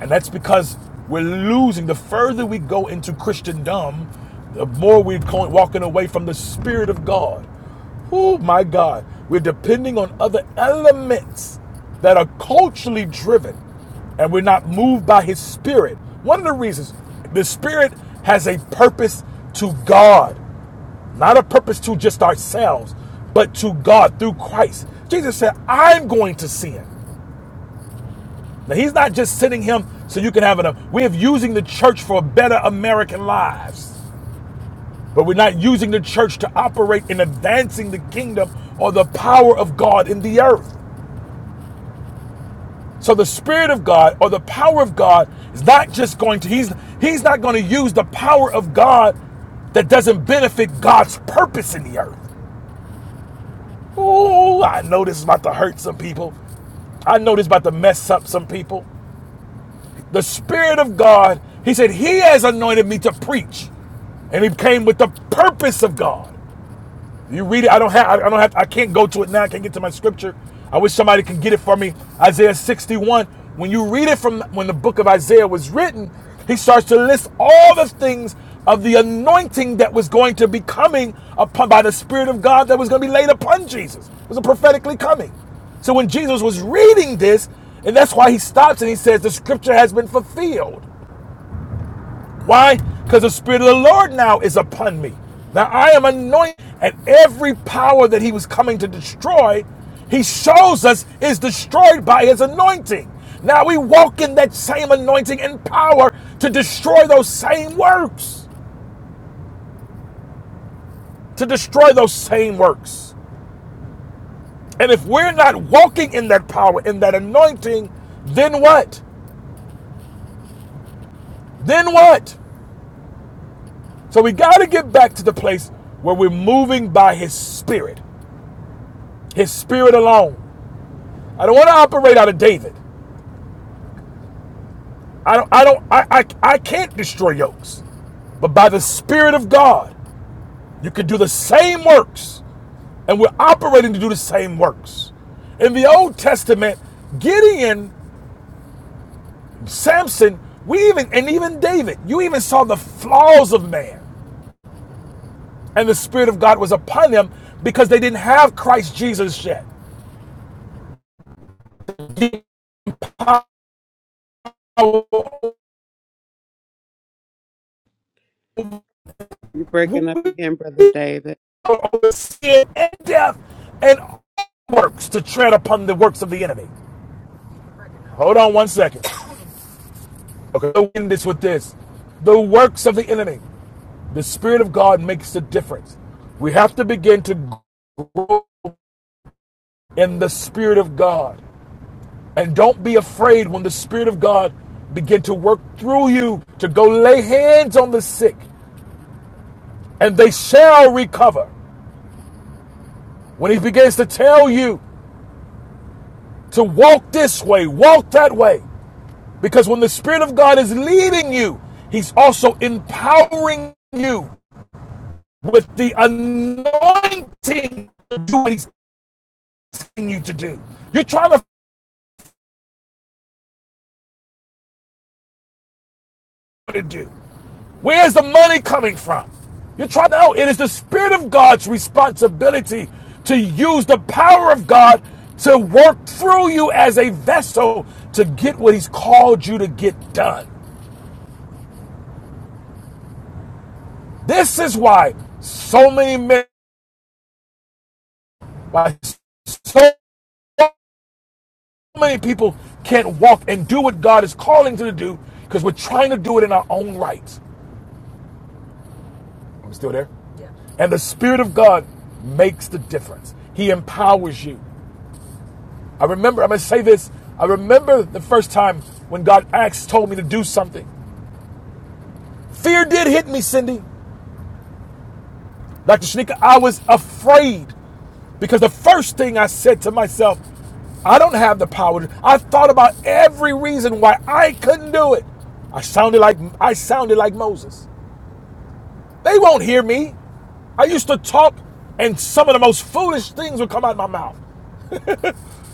[SPEAKER 2] And that's because we're losing. The further we go into Christendom, the more we're going, walking away from the Spirit of God. Oh my God. We're depending on other elements that are culturally driven and we're not moved by his spirit. One of the reasons the spirit has a purpose to God, not a purpose to just ourselves, but to God through Christ. Jesus said, I'm going to sin. Now he's not just sending him so you can have it. We are using the church for better American lives. But we're not using the church to operate in advancing the kingdom or the power of God in the earth. So the Spirit of God or the power of God is not just going to, he's, he's not going to use the power of God that doesn't benefit God's purpose in the earth. Oh, I know this is about to hurt some people. I know this is about to mess up some people. The Spirit of God, he said, He has anointed me to preach. And he came with the purpose of God. You read it. I don't have. I don't have. I can't go to it now. I can't get to my scripture. I wish somebody could get it for me. Isaiah 61. When you read it from when the book of Isaiah was written, he starts to list all the things of the anointing that was going to be coming upon by the Spirit of God that was going to be laid upon Jesus. It was a prophetically coming. So when Jesus was reading this, and that's why he stops and he says, The scripture has been fulfilled. Why? Because the Spirit of the Lord now is upon me. Now I am anointed, and every power that he was coming to destroy, he shows us is destroyed by his anointing. Now we walk in that same anointing and power to destroy those same works. To destroy those same works. And if we're not walking in that power, in that anointing, then what? Then what? So we got to get back to the place where we're moving by his spirit, his spirit alone. I don't want to operate out of David. I don't I don't I, I I can't destroy yokes. But by the Spirit of God, you can do the same works. And we're operating to do the same works. In the Old Testament, Gideon, Samson, we even and even David, you even saw the flaws of man. And the Spirit of God was upon them because they didn't have Christ Jesus yet. We are
[SPEAKER 1] You're breaking up again, Brother David.
[SPEAKER 2] sin and death and works to tread upon the works of the enemy. Hold on one second. Okay, I'll end this with this. The works of the enemy, the Spirit of God makes the difference. We have to begin to grow in the Spirit of God. And don't be afraid when the Spirit of God begin to work through you to go lay hands on the sick and they shall recover. When he begins to tell you to walk this way, walk that way. Because when the Spirit of God is leading you, he's also empowering you with the anointing to do what he's asking you to do. You're trying to, to do. Where's the money coming from? You're trying to know. It is the Spirit of God's responsibility to use the power of God to work through you as a vessel to get what he's called you to get done. This is why so many men, why so many people can't walk and do what God is calling them to do because we're trying to do it in our own rights. I'm still there. And the Spirit of God makes the difference. He empowers you. I remember, I'm going to say this. I remember the first time when God asked, told me to do something. Fear did hit me, Cindy. Dr. Shanika, I was afraid because the first thing I said to myself, I don't have the power. I thought about every reason why I couldn't do it. I sounded like I sounded like Moses. They won't hear me. I used to talk and some of the most foolish things would come out of my mouth.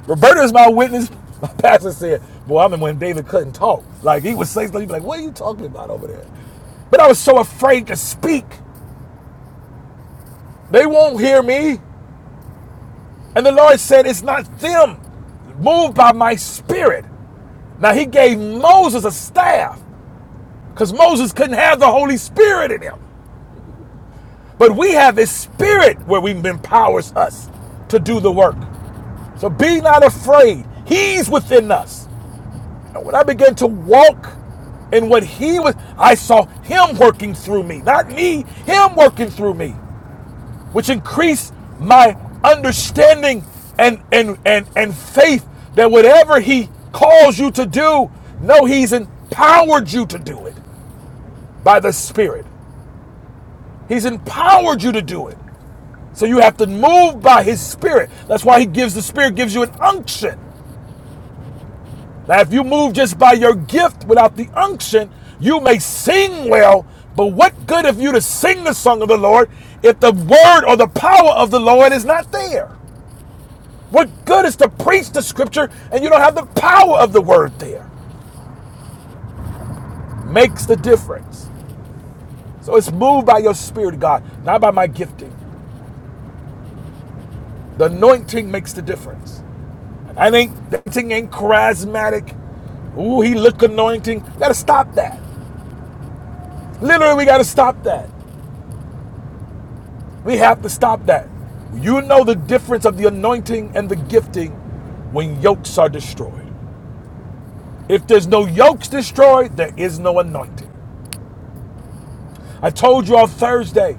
[SPEAKER 2] Roberta is my witness. My pastor said, Boy, I remember when David couldn't talk. Like, he would say something, he'd be like, What are you talking about over there? But I was so afraid to speak. They won't hear me. And the Lord said, It's not them. Moved by my spirit. Now, he gave Moses a staff because Moses couldn't have the Holy Spirit in him. But we have his spirit where we empowers us to do the work. So be not afraid. He's within us. And when I began to walk in what he was, I saw him working through me, not me, him working through me, which increased my understanding and and and, and faith that whatever he calls you to do, no, he's empowered you to do it by the Spirit. He's empowered you to do it. So you have to move by his spirit. That's why he gives the spirit, gives you an unction Now, if you move just by your gift without the unction, you may sing well, but what good of you to sing the song of the Lord if the word or the power of the Lord is not there? What good is to preach the scripture and you don't have the power of the word there? Makes the difference. So it's moved by your spirit, God, not by my gifting. The anointing makes the difference. I think anointing ain't charismatic. Ooh, he look anointing. Gotta stop that. Literally, we gotta stop that. We have to stop that. You know the difference of the anointing and the gifting when yokes are destroyed. If there's no yokes destroyed, there is no anointing. I told you on Thursday,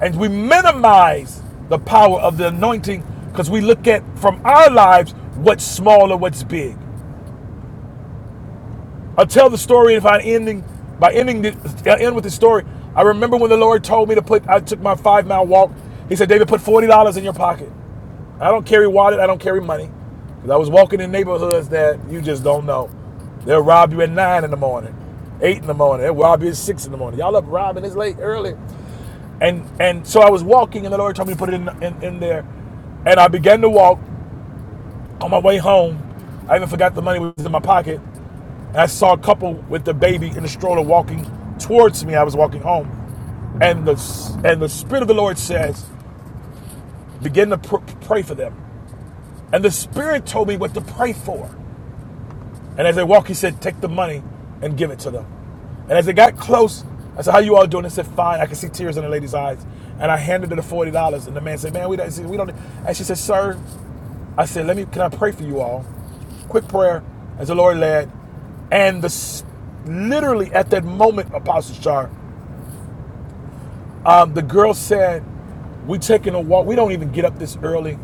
[SPEAKER 2] and we minimize the power of the anointing because we look at from our lives what's small or what's big. I'll tell the story if I ending by ending the uh, end with the story. I remember when the Lord told me to put I took my five mile walk. He said, David, put forty dollars in your pocket. I don't carry wallet, I don't carry money. Because I was walking in neighborhoods that you just don't know. They'll rob you at nine in the morning, eight in the morning, they'll rob you at six in the morning. Y'all up robbing, it's late early. And and so I was walking and the Lord told me to put it in in, in there. And I began to walk on my way home. I even forgot the money was in my pocket. I saw a couple with the baby in the stroller walking towards me. I was walking home, and the and the spirit of the Lord says, "Begin to pr- pray for them." And the spirit told me what to pray for. And as they walk, he said, "Take the money and give it to them." And as they got close, I said, "How you all doing?" They said, "Fine." I could see tears in the lady's eyes, and I handed her the forty dollars. And the man said, "Man, we don't." We don't. And she said, "Sir, I said, let me, can I pray for you all? Quick prayer as the Lord led. And the, literally at that moment, Apostle Char, um, the girl said, we taking a walk. We don't even get up this early.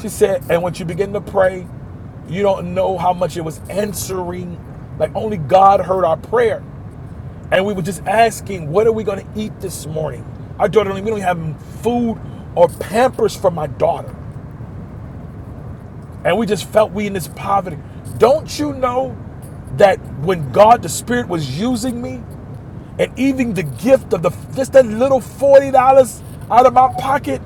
[SPEAKER 2] She said, and when you begin to pray, you don't know how much it was answering. Like only God heard our prayer. And we were just asking, what are we going to eat this morning? Our daughter, we don't have food or pampers for my daughter. and we just felt we in this poverty. Don't you know that when God the Spirit was using me, and even the gift of the just that little forty dollars out of my pocket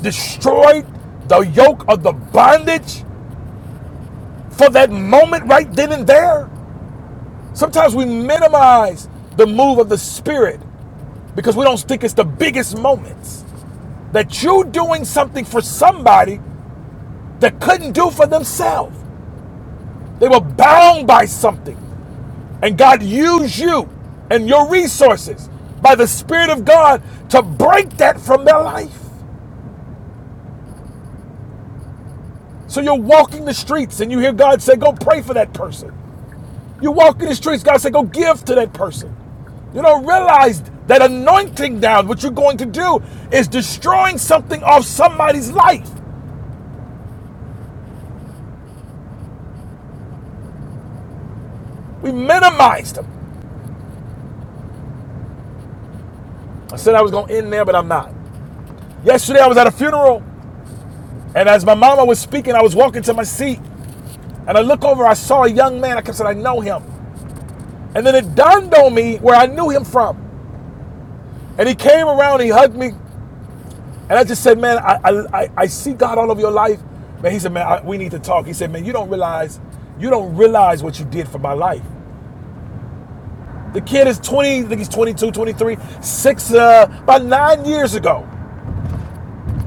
[SPEAKER 2] destroyed the yoke of the bondage for that moment right then and there. Sometimes we minimize the move of the Spirit because we don't think it's the biggest moments that you doing something for somebody that couldn't do for themselves. They were bound by something. And God used you and your resources by the Spirit of God to break that from their life. So you're walking the streets and you hear God say, Go pray for that person. You're walking the streets, God say, Go give to that person. You don't realize that anointing down, what you're going to do is destroying something off somebody's life. We minimized them. I said I was going to end there, but I'm not. Yesterday I was at a funeral, and as my mama was speaking, I was walking to my seat, and I look over, I saw a young man. I kept saying, I know him. And then it dawned on me where I knew him from. And he came around, he hugged me, and I just said, Man, I, I, I see God all over your life. Man, he said, Man, I, we need to talk. He said, Man, you don't realize, you don't realize what you did for my life. The kid is 20, I think he's twenty-two, twenty-three, six, uh, about nine years ago.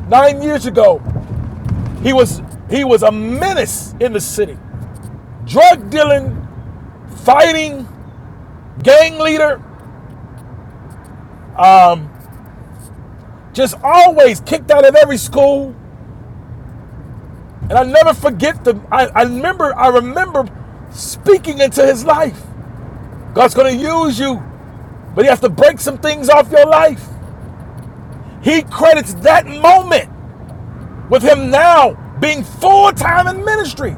[SPEAKER 2] Nine years ago, he was he was a menace in the city. Drug dealing, fighting, gang leader, just always kicked out of every school, And I never forget the I, I remember I remember speaking into his life. God's gonna use you, but he has to break some things off your life. He credits that moment with him now being full-time in ministry.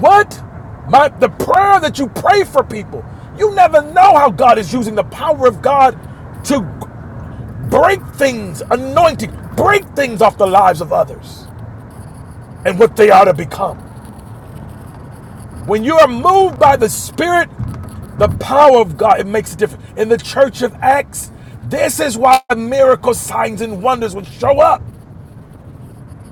[SPEAKER 2] What? My the prayer that you pray for people. You never know how God is using the power of God to break things, anointing, break things off the lives of others and what they are to become. When you are moved by the Spirit, the power of God, it makes a difference. In the church of Acts, this is why miracles, signs, and wonders would show up.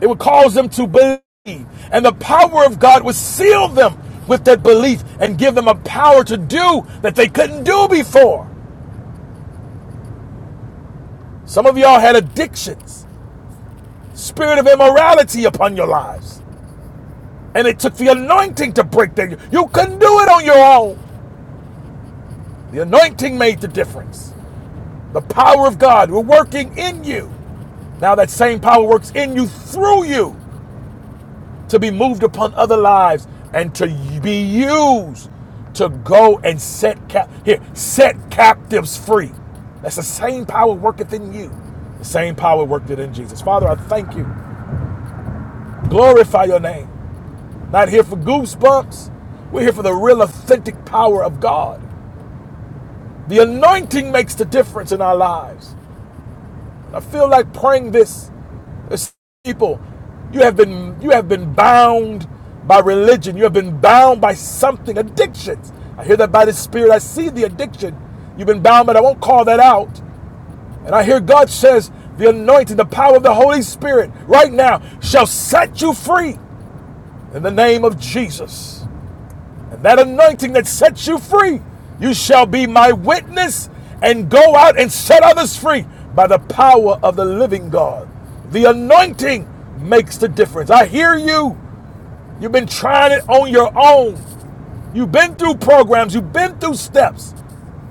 [SPEAKER 2] It would cause them to believe. And the power of God would seal them with that belief and give them a power to do that they couldn't do before. Some of y'all had addictions, spirit of immorality upon your lives. And it took the anointing to break that. You couldn't do it on your own. The anointing made the difference. The power of God we're working in you. Now that same power works in you through you to be moved upon other lives and to be used to go and set cap here set captives free. That's the same power worketh in you. The same power worked it in Jesus. Father, I thank you. Glorify your name. Not here for goosebumps. We're here for the real authentic power of God. The anointing makes the difference in our lives. I feel like praying this. people, you have been you have been bound by religion. You have been bound by something, addictions. I hear that by the Spirit. I see the addiction. You've been bound, but I won't call that out. And I hear God says, the anointing, the power of the Holy Spirit right now shall set you free in the name of Jesus that anointing that sets you free. You shall be my witness and go out and set others free by the power of the living God. The anointing makes the difference. I hear you. You've been trying it on your own. You've been through programs, you've been through steps.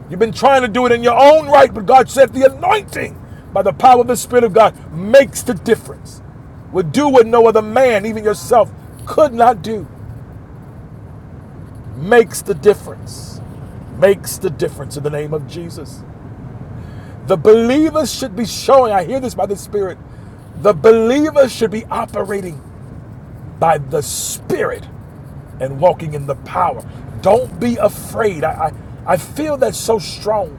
[SPEAKER 2] You've been trying to do it in your own right, but God said the anointing by the power of the Spirit of God makes the difference. Would do what no other man, even yourself, could not do makes the difference. Makes the difference in the name of Jesus. The believers should be showing, I hear this by the Spirit, the believers should be operating by the Spirit and walking in the power. Don't be afraid. I, I, I feel that so strong.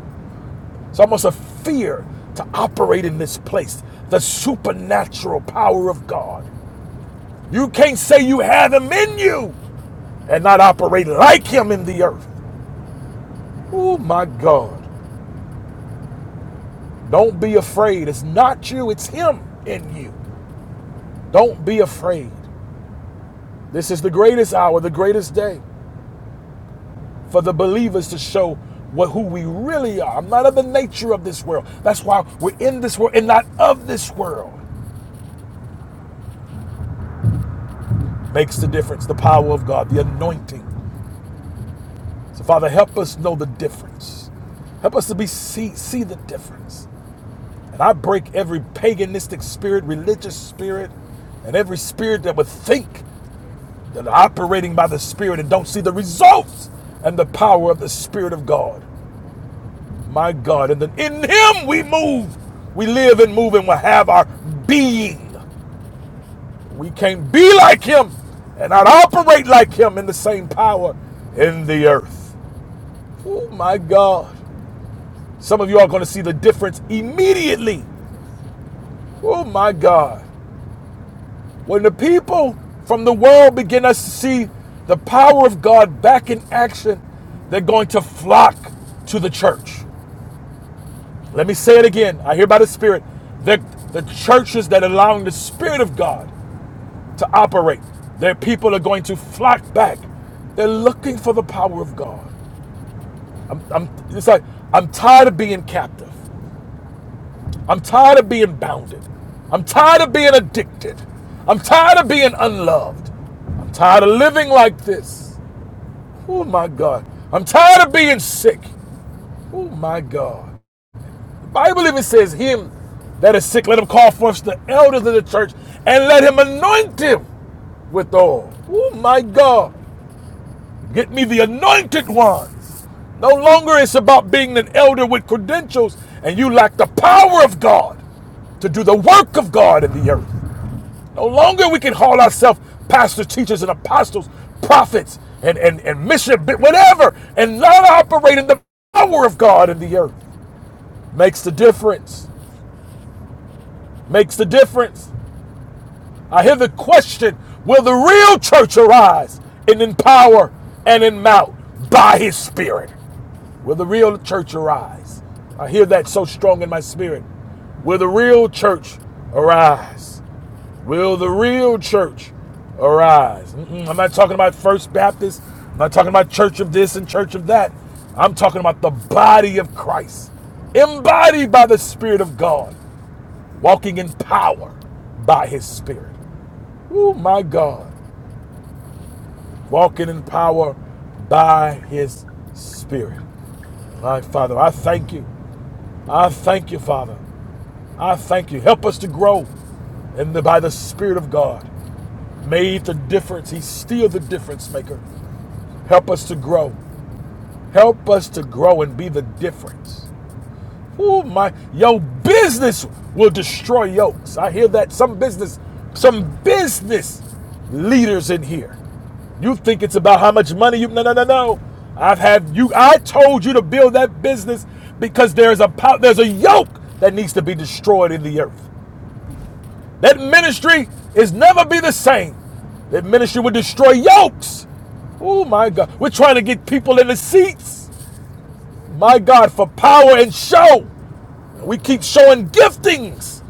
[SPEAKER 2] It's almost a fear to operate in this place. The supernatural power of God. You can't say you have Him in you and not operate like Him in the earth. Oh my God. Don't be afraid. It's not you, it's Him in you. Don't be afraid. This is the greatest hour, the greatest day for the believers to show what who we really are. I'm not of the nature of this world. That's why we're in this world and not of this world. Makes the difference. The power of God, the anointing. So, Father, help us know the difference. Help us to be see, see the difference. And I break every paganistic spirit, religious spirit, and every spirit that would think that are operating by the Spirit and don't see the results and the power of the Spirit of God. My God. And then in Him we move, we live and move and will have our being. We can't be like Him and not operate like Him in the same power in the earth. Oh my God. Some of you are going to see the difference immediately. Oh my God. When the people from the world begin us to see the power of God back in action, they're going to flock to the church. Let me say it again. I hear by the Spirit that the churches that are allowing the Spirit of God to operate, their people are going to flock back. They're looking for the power of God. I'm, I'm, it's like, I'm tired of being captive. I'm tired of being bounded. I'm tired of being addicted. I'm tired of being unloved. I'm tired of living like this. Oh my God. I'm tired of being sick. Oh my God. The Bible even says, Him that is sick, let him call forth the elders of the church and let him anoint him with oil. Oh my God. Get me the anointed ones. No longer it's about being an elder with credentials and you lack the power of God to do the work of God in the earth. No longer we can call ourselves pastors, teachers, and apostles, prophets, and, and, and mission, bi- whatever, and not operate in the power of God in the earth. Makes the difference. Makes the difference. I hear the question Will the real church arise and in power and in mouth by his spirit? Will the real church arise? I hear that so strong in my spirit. Will the real church arise? Will the real church arise? Mm-mm. I'm not talking about First Baptist. I'm not talking about church of this and church of that. I'm talking about the body of Christ, embodied by the Spirit of God, walking in power by His Spirit. Oh, my God. Walking in power by His Spirit. My Father, I thank you. I thank you, Father. I thank you. Help us to grow and by the Spirit of God. Made the difference. He's still the difference maker. Help us to grow. Help us to grow and be the difference. Oh my, your business will destroy yokes. I hear that some business, some business leaders in here. You think it's about how much money you? No, no, no, no. I've had you. I told you to build that business because there's a there's a yoke that needs to be destroyed in the earth. That ministry is never be the same. That ministry would destroy yokes. Oh my God, we're trying to get people in the seats. My God, for power and show. We keep showing giftings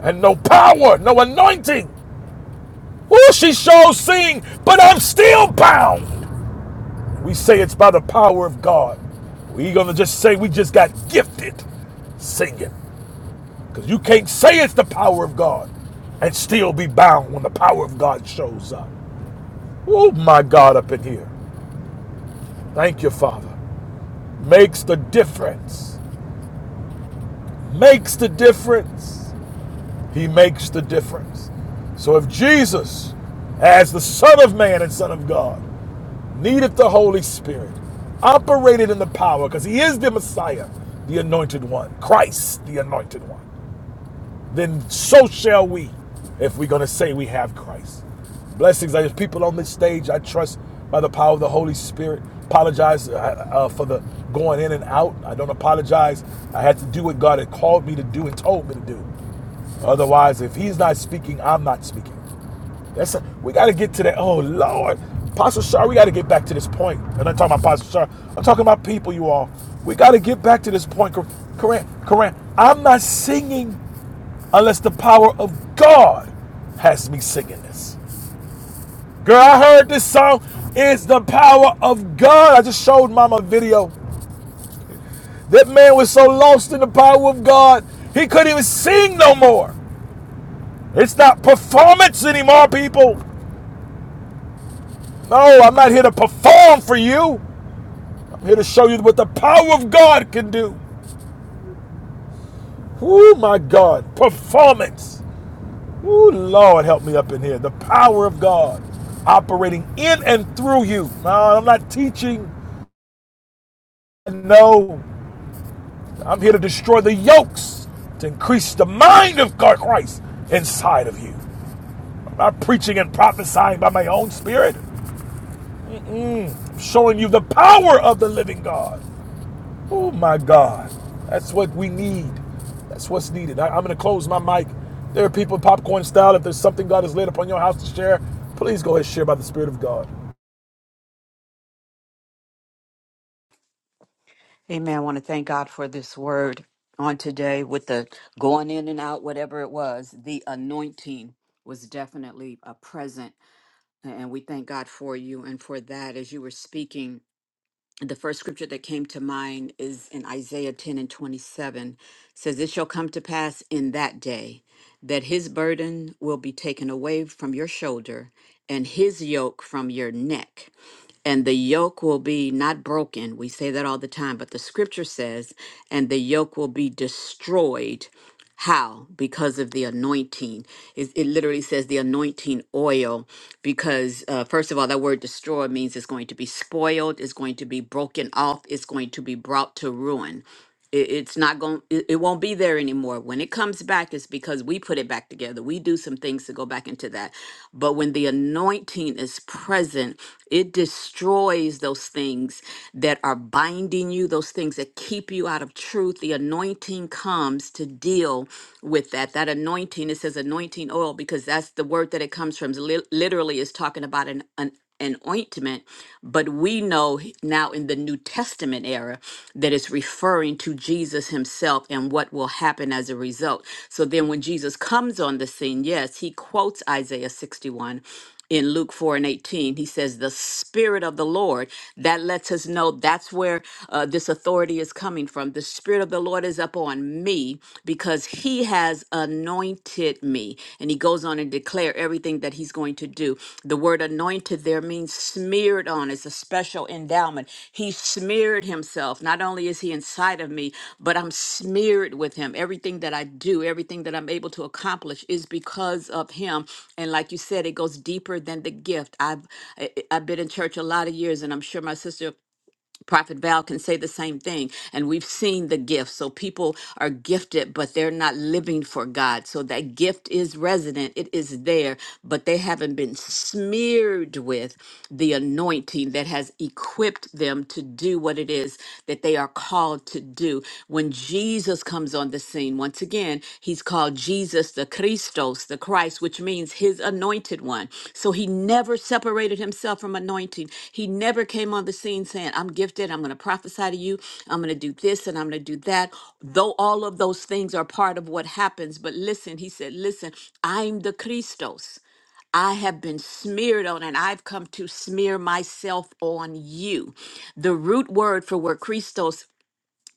[SPEAKER 2] and no power, no anointing. Oh, she shows seeing, but I'm still bound. We say it's by the power of God. We gonna just say we just got gifted singing. Because you can't say it's the power of God and still be bound when the power of God shows up. Oh my God, up in here. Thank you, Father. Makes the difference. Makes the difference. He makes the difference. So if Jesus, as the Son of Man and Son of God, needed the Holy Spirit, operated in the power, because he is the Messiah, the anointed one, Christ, the anointed one, then so shall we if we're going to say we have Christ. Blessings. I just people on this stage. I trust by the power of the Holy Spirit. Apologize uh, uh, for the going in and out. I don't apologize. I had to do what God had called me to do and told me to do. Otherwise, if he's not speaking, I'm not speaking. That's a, we got to get to that. Oh Lord, Apostle Shar, we got to get back to this point. And I'm talking about Apostle Shar. I'm talking about people, you all. We got to get back to this point. Koran, Koran, I'm not singing unless the power of God has me singing this. Girl, I heard this song. It's the power of God. I just showed Mama a video. That man was so lost in the power of God, he couldn't even sing no more. It's not performance anymore, people. No, I'm not here to perform for you. I'm here to show you what the power of God can do. Oh my God, performance. Oh Lord, help me up in here. The power of God operating in and through you. No, I'm not teaching. No, I'm here to destroy the yokes, to increase the mind of God Christ inside of you. I'm not preaching and prophesying by my own spirit. I'm showing you the power of the living God. Oh my God. That's what we need. That's what's needed. I, am going to close my mic. There are people popcorn style. If there's something God has laid upon your house to share, please go ahead and share by the Spirit of God.
[SPEAKER 3] Amen. I want to thank God for this word on today with the going in and out, whatever it was. The anointing was definitely a present. And we thank God for you and for that as you were speaking. The first scripture that came to mind is in Isaiah 10 and 27 It says, It shall come to pass in that day that his burden will be taken away from your shoulder and his yoke from your neck and the yoke will be not broken. We say that all the time, but the scripture says, and the yoke will be destroyed. How? Because of the anointing. It, it literally says the anointing oil, because uh, first of all, that word destroy means it's going to be spoiled, it's going to be broken off, it's going to be brought to ruin. It, it's not going. It, it won't be there anymore. When it comes back, it's because we put it back together. We do some things to go back into that. But when the anointing is present, it destroys those things that are binding you, those things that keep you out of truth. The anointing comes to deal with that. That anointing, it says anointing oil because that's the word that it comes from. Li- literally, is talking about an, anointing and ointment, but we know h- now in the New Testament era that it's referring to Jesus himself and what will happen as a result. So then when Jesus comes on the scene, yes, he quotes Isaiah 61 in Luke 4 and 18. He says, The Spirit of the Lord, that lets us know that's where uh, this authority is coming from. The Spirit of the Lord is upon me because he he has anointed me. And he goes on and declare everything that he's going to do. The word anointed there means smeared on. It's a special endowment. He smeared himself. Not only is he inside of me, but I'm smeared with him. Everything that I do, everything that I'm able to accomplish is because of him. And like you said, it goes deeper than the gift. I've I, I've been in church a lot of years, and I'm sure my sister Prophet Val can say the same thing. And we've seen the gifts. So people are gifted, but they're not living for God. So that gift is resident, it is there, but they haven't been smeared with the anointing that has equipped them to do what it is that they are called to do. When Jesus comes on the scene, seen. Once again, he's called Jesus the Christos, the Christ, which means his anointed one. So he never separated himself from anointing. He never came on the scene saying, I'm gifted, I'm going to prophesy to you, I'm going to do this and I'm going to do that. Though all of those things are part of what happens. But listen, he said, Listen, I'm the Christos. I have been smeared on, and I've come to smear myself on you. The root word for where Christos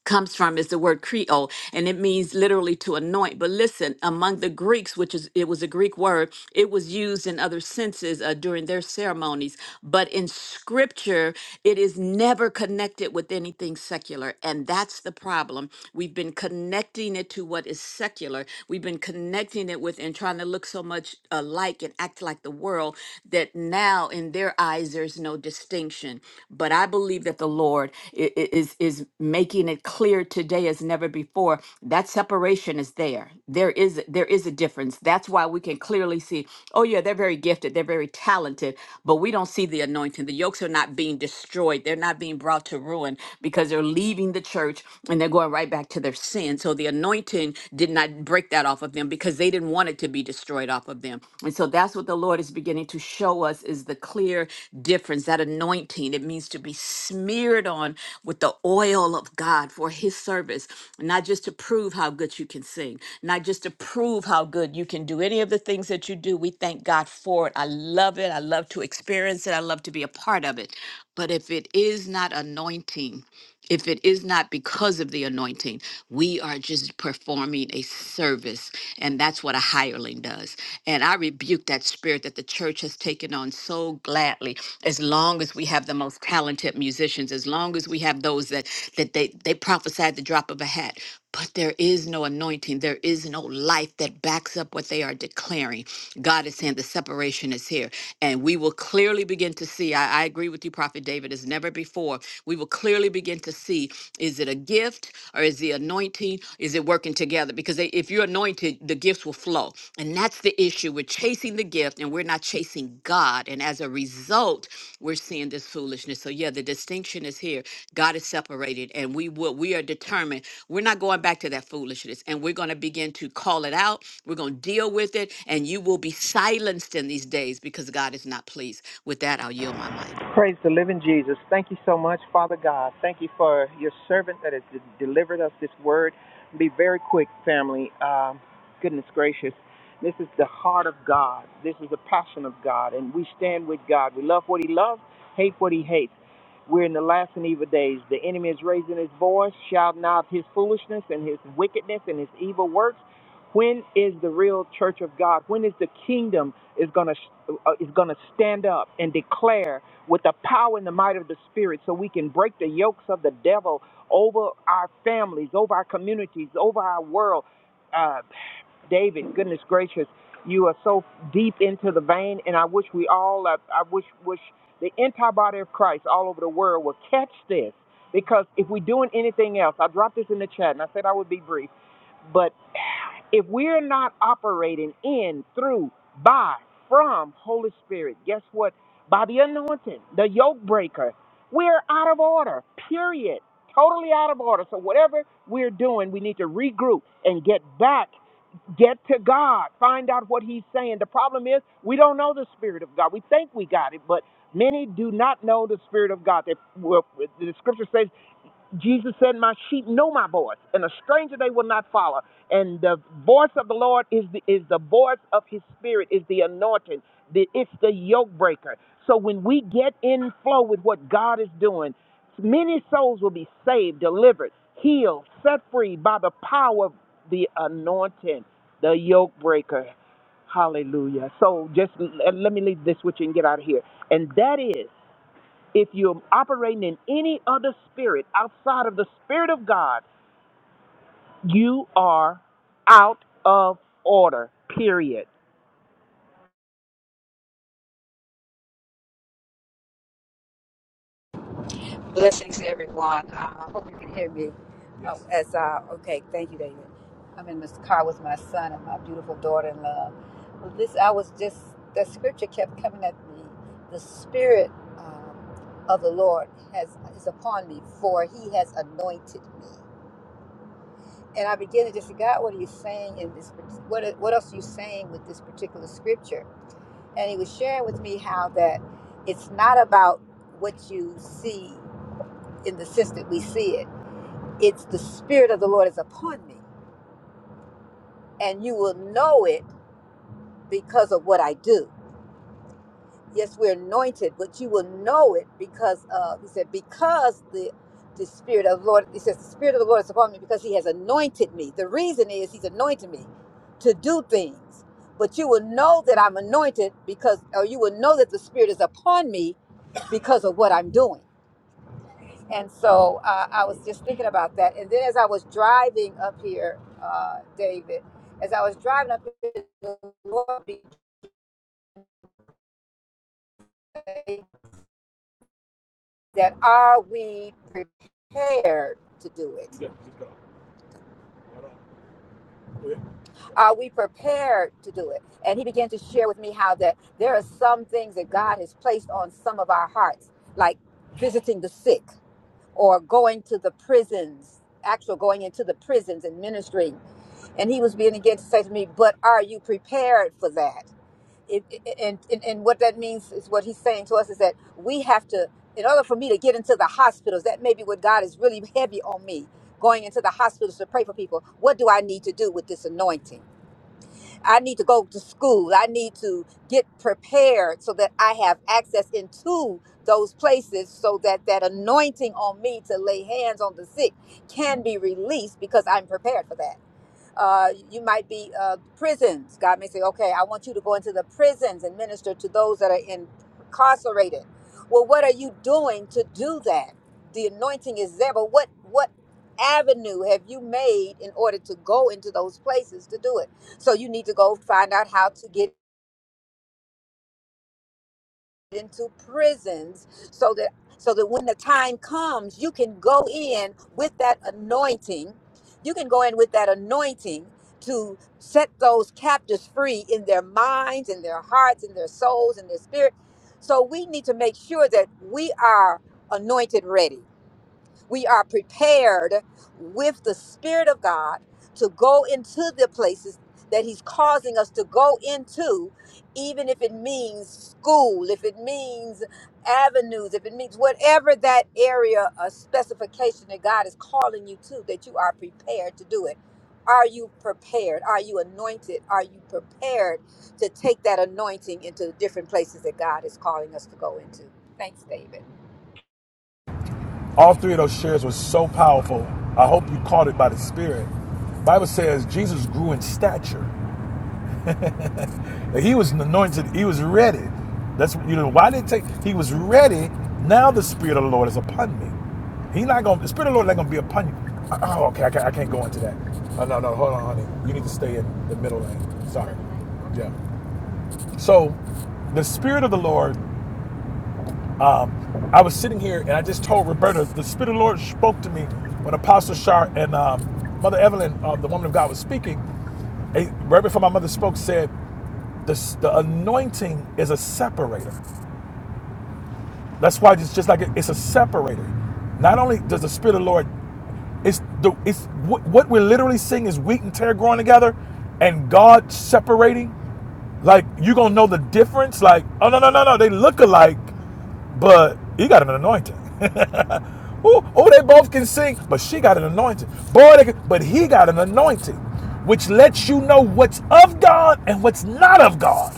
[SPEAKER 3] comes from is the word creole and it means literally to anoint but listen among the greeks which is it was a greek word it was used in other senses uh, during their ceremonies but in scripture it is never connected with anything secular and that's the problem we've been connecting it to what is secular we've been connecting it with and trying to look so much alike and act like the world that now in their their eyes there's no distinction but i believe that the lord i- i- is is making it clear today as never before that separation is there there is there is a difference that's why we can clearly see oh yeah they're very gifted they're very talented but we don't see the anointing the yokes are not being destroyed they're not being brought to ruin because they're leaving the church and they're going right back to their sin so the anointing did not break that off of them because they didn't want it to be destroyed off of them. And so that's what the Lord is beginning to show us is the clear difference, that anointing. It means to be smeared on with the oil of God for his service, not just to prove how good you can sing, not just to prove how good you can do any of the things that you do. We thank God for it. I love it. I love to experience it. I love to be a part of it. But if it is not anointing, if it is not because of the anointing, we are just performing a service. And that's what a hireling does. And I rebuke that spirit that the church has taken on so gladly. As long as we have the most talented musicians, as long as we have those that that they, they prophesied the drop of a hat. But there is no anointing. There is no life that backs up what they are declaring. God is saying the separation is here. And we will clearly begin to see. I, I agree with you, Prophet David, as never before. We will clearly begin to see is it a gift or is the anointing? Is it working together? Because they, if you're anointed, the gifts will flow. And that's the issue. We're chasing the gift and we're not chasing God. And as a result, we're seeing this foolishness. So, yeah, the distinction is here. God is separated, and we will, we are determined we're not going back to that foolishness. And we're going to begin to call it out. We're going to deal with it. And you will be silenced in these days because God is not pleased. With that, I'll yield my mic.
[SPEAKER 4] Praise the living Jesus. Thank you so much, Father God. Thank you for your servant that has de- delivered us this word. Be very quick, family. Um, goodness gracious. This is the heart of God. This is the passion of God. And we stand with God. We love what He loves, hate what He hates. We're in the last and evil days. The enemy is raising his voice, shouting out his foolishness and his wickedness and his evil works. When is the real church of God? When is the kingdom is going to uh, is going to stand up and declare with the power and the might of the spirit so we can break the yokes of the devil over our families, over our communities, over our world. Uh, David, goodness gracious, you are so deep into the vein, and I wish we all, I, I wish, wish the entire body of Christ all over the world will catch this, because if we're doing anything else, I dropped this in the chat, and I said I would be brief, but if we're not operating in, through, by, from Holy Spirit, guess what? By the anointing, the yoke breaker, we're out of order, period. Totally out of order. So, whatever we're doing, we need to regroup and get back Get to God. Find out what He's saying. The problem is we don't know the Spirit of God. We think we got it, but many do not know the Spirit of God. They, well, the Scripture says Jesus said, My sheep know my voice, and a stranger they will not follow. And the voice of the Lord is the, is the voice of his spirit, is the anointing, the, it's the yoke breaker. So when we get in flow with what God is doing, many souls will be saved, delivered, healed, set free by the power of the anointing, the yoke breaker. Hallelujah. So just l- let me leave this with you and get out of here. And that is. If you're operating in any other spirit outside of the Spirit of God, you are out of order, period.
[SPEAKER 5] Blessings, to everyone. Uh, I uh, hope you can hear me. Yes. Oh, as uh, okay, thank you, David. I'm in this car with my son and my beautiful daughter-in-law. Well, this I was just that scripture kept coming at me. The spirit um, of the Lord has is upon me, for He has anointed me. And I began to just say, God, what are you saying in this? par- What what else are you saying with this particular scripture? And He was sharing with me how that it's not about what you see in the sense that we see it it's the spirit of the lord is upon me and you will know it because of what i do yes we're anointed but you will know it because of he said because the the spirit of the lord he says the spirit of the lord is upon me because he has anointed me the reason is he's anointed me to do things but you will know that i'm anointed because or you will know that the spirit is upon me because of what i'm doing And so uh, I was just thinking about that. And then as I was driving up here, uh, David, as I was driving up here, the Lord began that are we prepared to do it? Yeah, keep going. Are we prepared to do it? And he began to share with me how that there are some things that God has placed on some of our hearts, like visiting the sick or going to the prisons, actual going into the prisons and ministering. And he was being again to say to me, but are you prepared for that? It, it- and, and, and what that means is what he's saying to us is that we have to, in order for me to get into the hospitals, that may be what God is really heavy on me, going into the hospitals to pray for people. What do I need to do with this anointing? I need to go to school. I need to get prepared so that I have access into those places so that that anointing on me to lay hands on the sick can be released because I'm prepared for that. Uh, you might be uh, prisons. God may say, okay, I want you to go into the prisons and minister to those that are incarcerated. Well, what are you doing to do that? The anointing is there, but what what avenue have you made in order to go into those places to do it? So you need to go find out how to get into prisons so that so that when the time comes you can go in with that anointing you can go in with that anointing to set those captives free in their minds in their hearts in their souls in their spirit so we need to make sure that we are anointed ready we are prepared with the Spirit of God to go into the places that He's causing us to go into, even if it means school, if it means avenues, if it means whatever that area of specification that God is calling you to, that you are prepared to do it. Are you prepared? Are you anointed? Are you prepared to take that anointing into the different places that God is calling us to go into? Thanks, David.
[SPEAKER 2] All three of those shares were so powerful. I hope you caught it by the Spirit. The Bible says Jesus grew in stature. Like, He was anointed. He was ready. That's you know why did it take. He was ready. Now the Spirit of the Lord is upon me. He not gonna. The Spirit of the Lord not gonna be upon you. Uh, Oh, okay. I can't, I can't go into that. Oh no, no. Hold on, honey. You need to stay in the middle lane. Sorry. Yeah. So, the Spirit of the Lord. Um, I was sitting here and I just told Roberta the Spirit of the Lord spoke to me when Apostle Shar and um, Mother Evelyn, uh, the woman of God, was speaking. And right before my mother spoke, said the, the anointing is a separator. That's why it's just like it- it's a separator. Not only does the Spirit of the Lord, it's the it's what, what we're literally seeing is wheat and tear growing together, and God separating. Like you gonna know the difference. Like oh no no no no, they look alike, but he got an anointing. Ooh, oh, they both can sing, but she got an anointing. Boy, they can, but he got an anointing, which lets you know what's of God and what's not of God.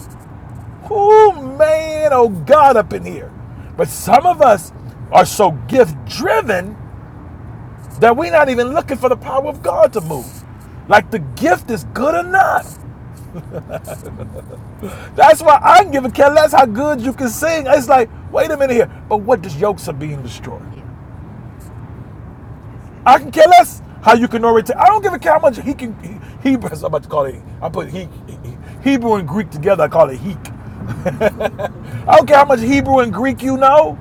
[SPEAKER 2] Oh man, oh God up in here. But some of us are so gift driven that we're not even looking for the power of God to move. Like the gift is good enough. That's why I give a care less how good you can sing. It's like, wait a minute here, but what does yokes are being destroyed? I can care less how you can already. T- I don't give a care how much he can. He, Hebrew. I'm about to call it. I put he, he- Hebrew and Greek together. I call it heek. I don't care how much Hebrew and Greek you know.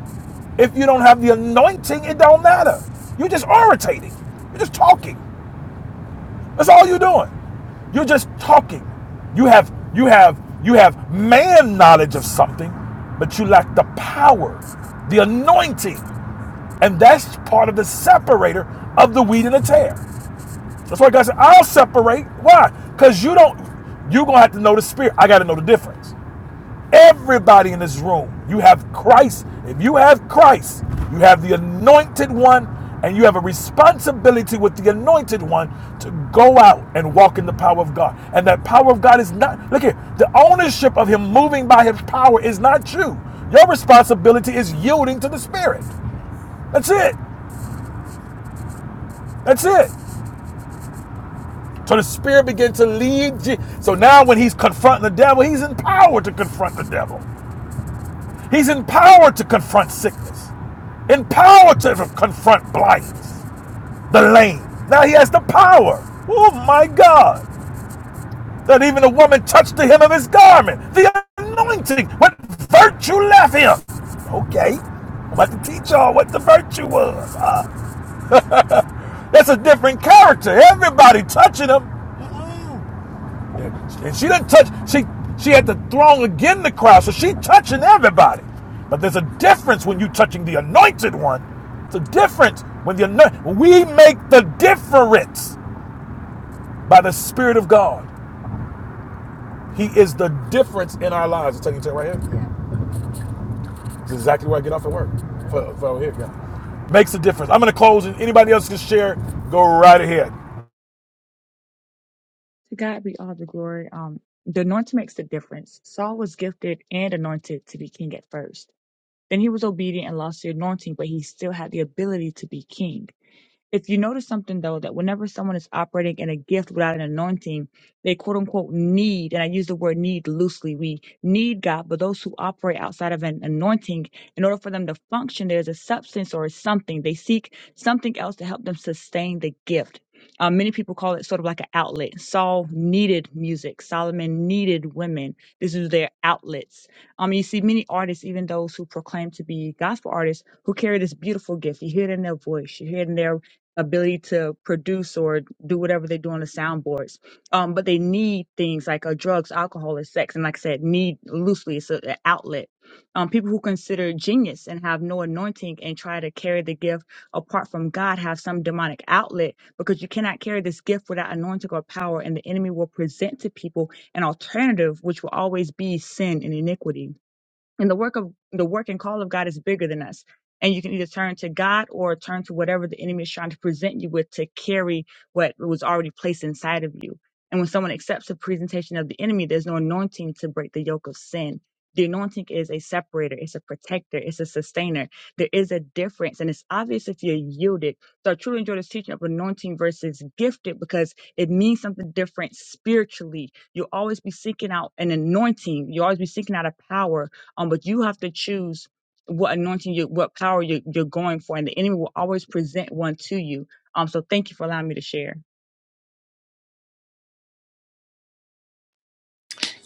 [SPEAKER 2] If you don't have the anointing, it don't matter. You're just orating. You're just talking. That's all you're doing. You're just talking. You have you have you have man knowledge of something, but you lack the power, the anointing, and that's part of the separator of the wheat and the tare. That's why God said, I'll separate. Why? Because you don't, you're going to have to know the spirit. I got to know the difference. Everybody in this room, you have Christ. If you have Christ, you have the anointed one, and you have a responsibility with the anointed one to go out and walk in the power of God. And that power of God is not, look here, the ownership of Him moving by His power is not you. Your responsibility is yielding to the Spirit. That's it. That's it. So the Spirit began to lead. Je- So now, when he's confronting the devil, he's empowered to confront the devil. He's empowered to confront sickness, empowered to confront blindness, the lame. Now he has the power. Oh my God! That even a woman touched the hem of his garment. The anointing, what virtue left him? Okay, I'm about to teach y'all what the virtue was. Uh, that's a different character. Everybody touching him. And she didn't touch. She she had to throng again the crowd, so she touching everybody. But there's a difference when you touching the anointed one. It's a difference when the anointed. We make the difference by the Spirit of God. He is the difference in our lives. It's taking you right here. Yeah. This is exactly where I get off at work. For, for here, yeah. Makes a difference. I'm gonna close. And anybody else can share, go right ahead.
[SPEAKER 6] To God be all the glory. Um, the anointing makes the difference. Saul was gifted and anointed to be king at first. Then he was obedient and lost the anointing, but he still had the ability to be king. If you notice something though, that whenever someone is operating in a gift without an anointing, they quote unquote need, and I use the word need loosely, we need God, but those who operate outside of an anointing, in order for them to function, there's a substance or a something. They seek something else to help them sustain the gift. Um, many people call it sort of like an outlet. Saul needed music. Solomon needed women. This is their outlets. Um, you see many artists, even those who proclaim to be gospel artists, who carry this beautiful gift. You hear it in their voice. You hear it in their ability to produce or do whatever they do on the soundboards. Um, but they need things like uh, drugs, alcohol, and sex. And like I said, need loosely, it's a- an outlet. Um, people who consider genius and have no anointing and try to carry the gift apart from God have some demonic outlet because you cannot carry this gift without anointing or power. And the enemy will present to people an alternative, which will always be sin and iniquity and the work of the work and call of God is bigger than us. And you can either turn to God or turn to whatever the enemy is trying to present you with to carry what was already placed inside of you. And when someone accepts the presentation of the enemy, there's no anointing to break the yoke of sin. The anointing is a separator, it's a protector, it's a sustainer. There is a difference, and it's obvious if you're yielded. So I truly enjoy this teaching of anointing versus gifted because it means something different spiritually. You'll always be seeking out an anointing, you'll always be seeking out a power um, but you have to choose what anointing you, what power you, you're going for, and the enemy will always present one to you. Um, so thank you for allowing me to share.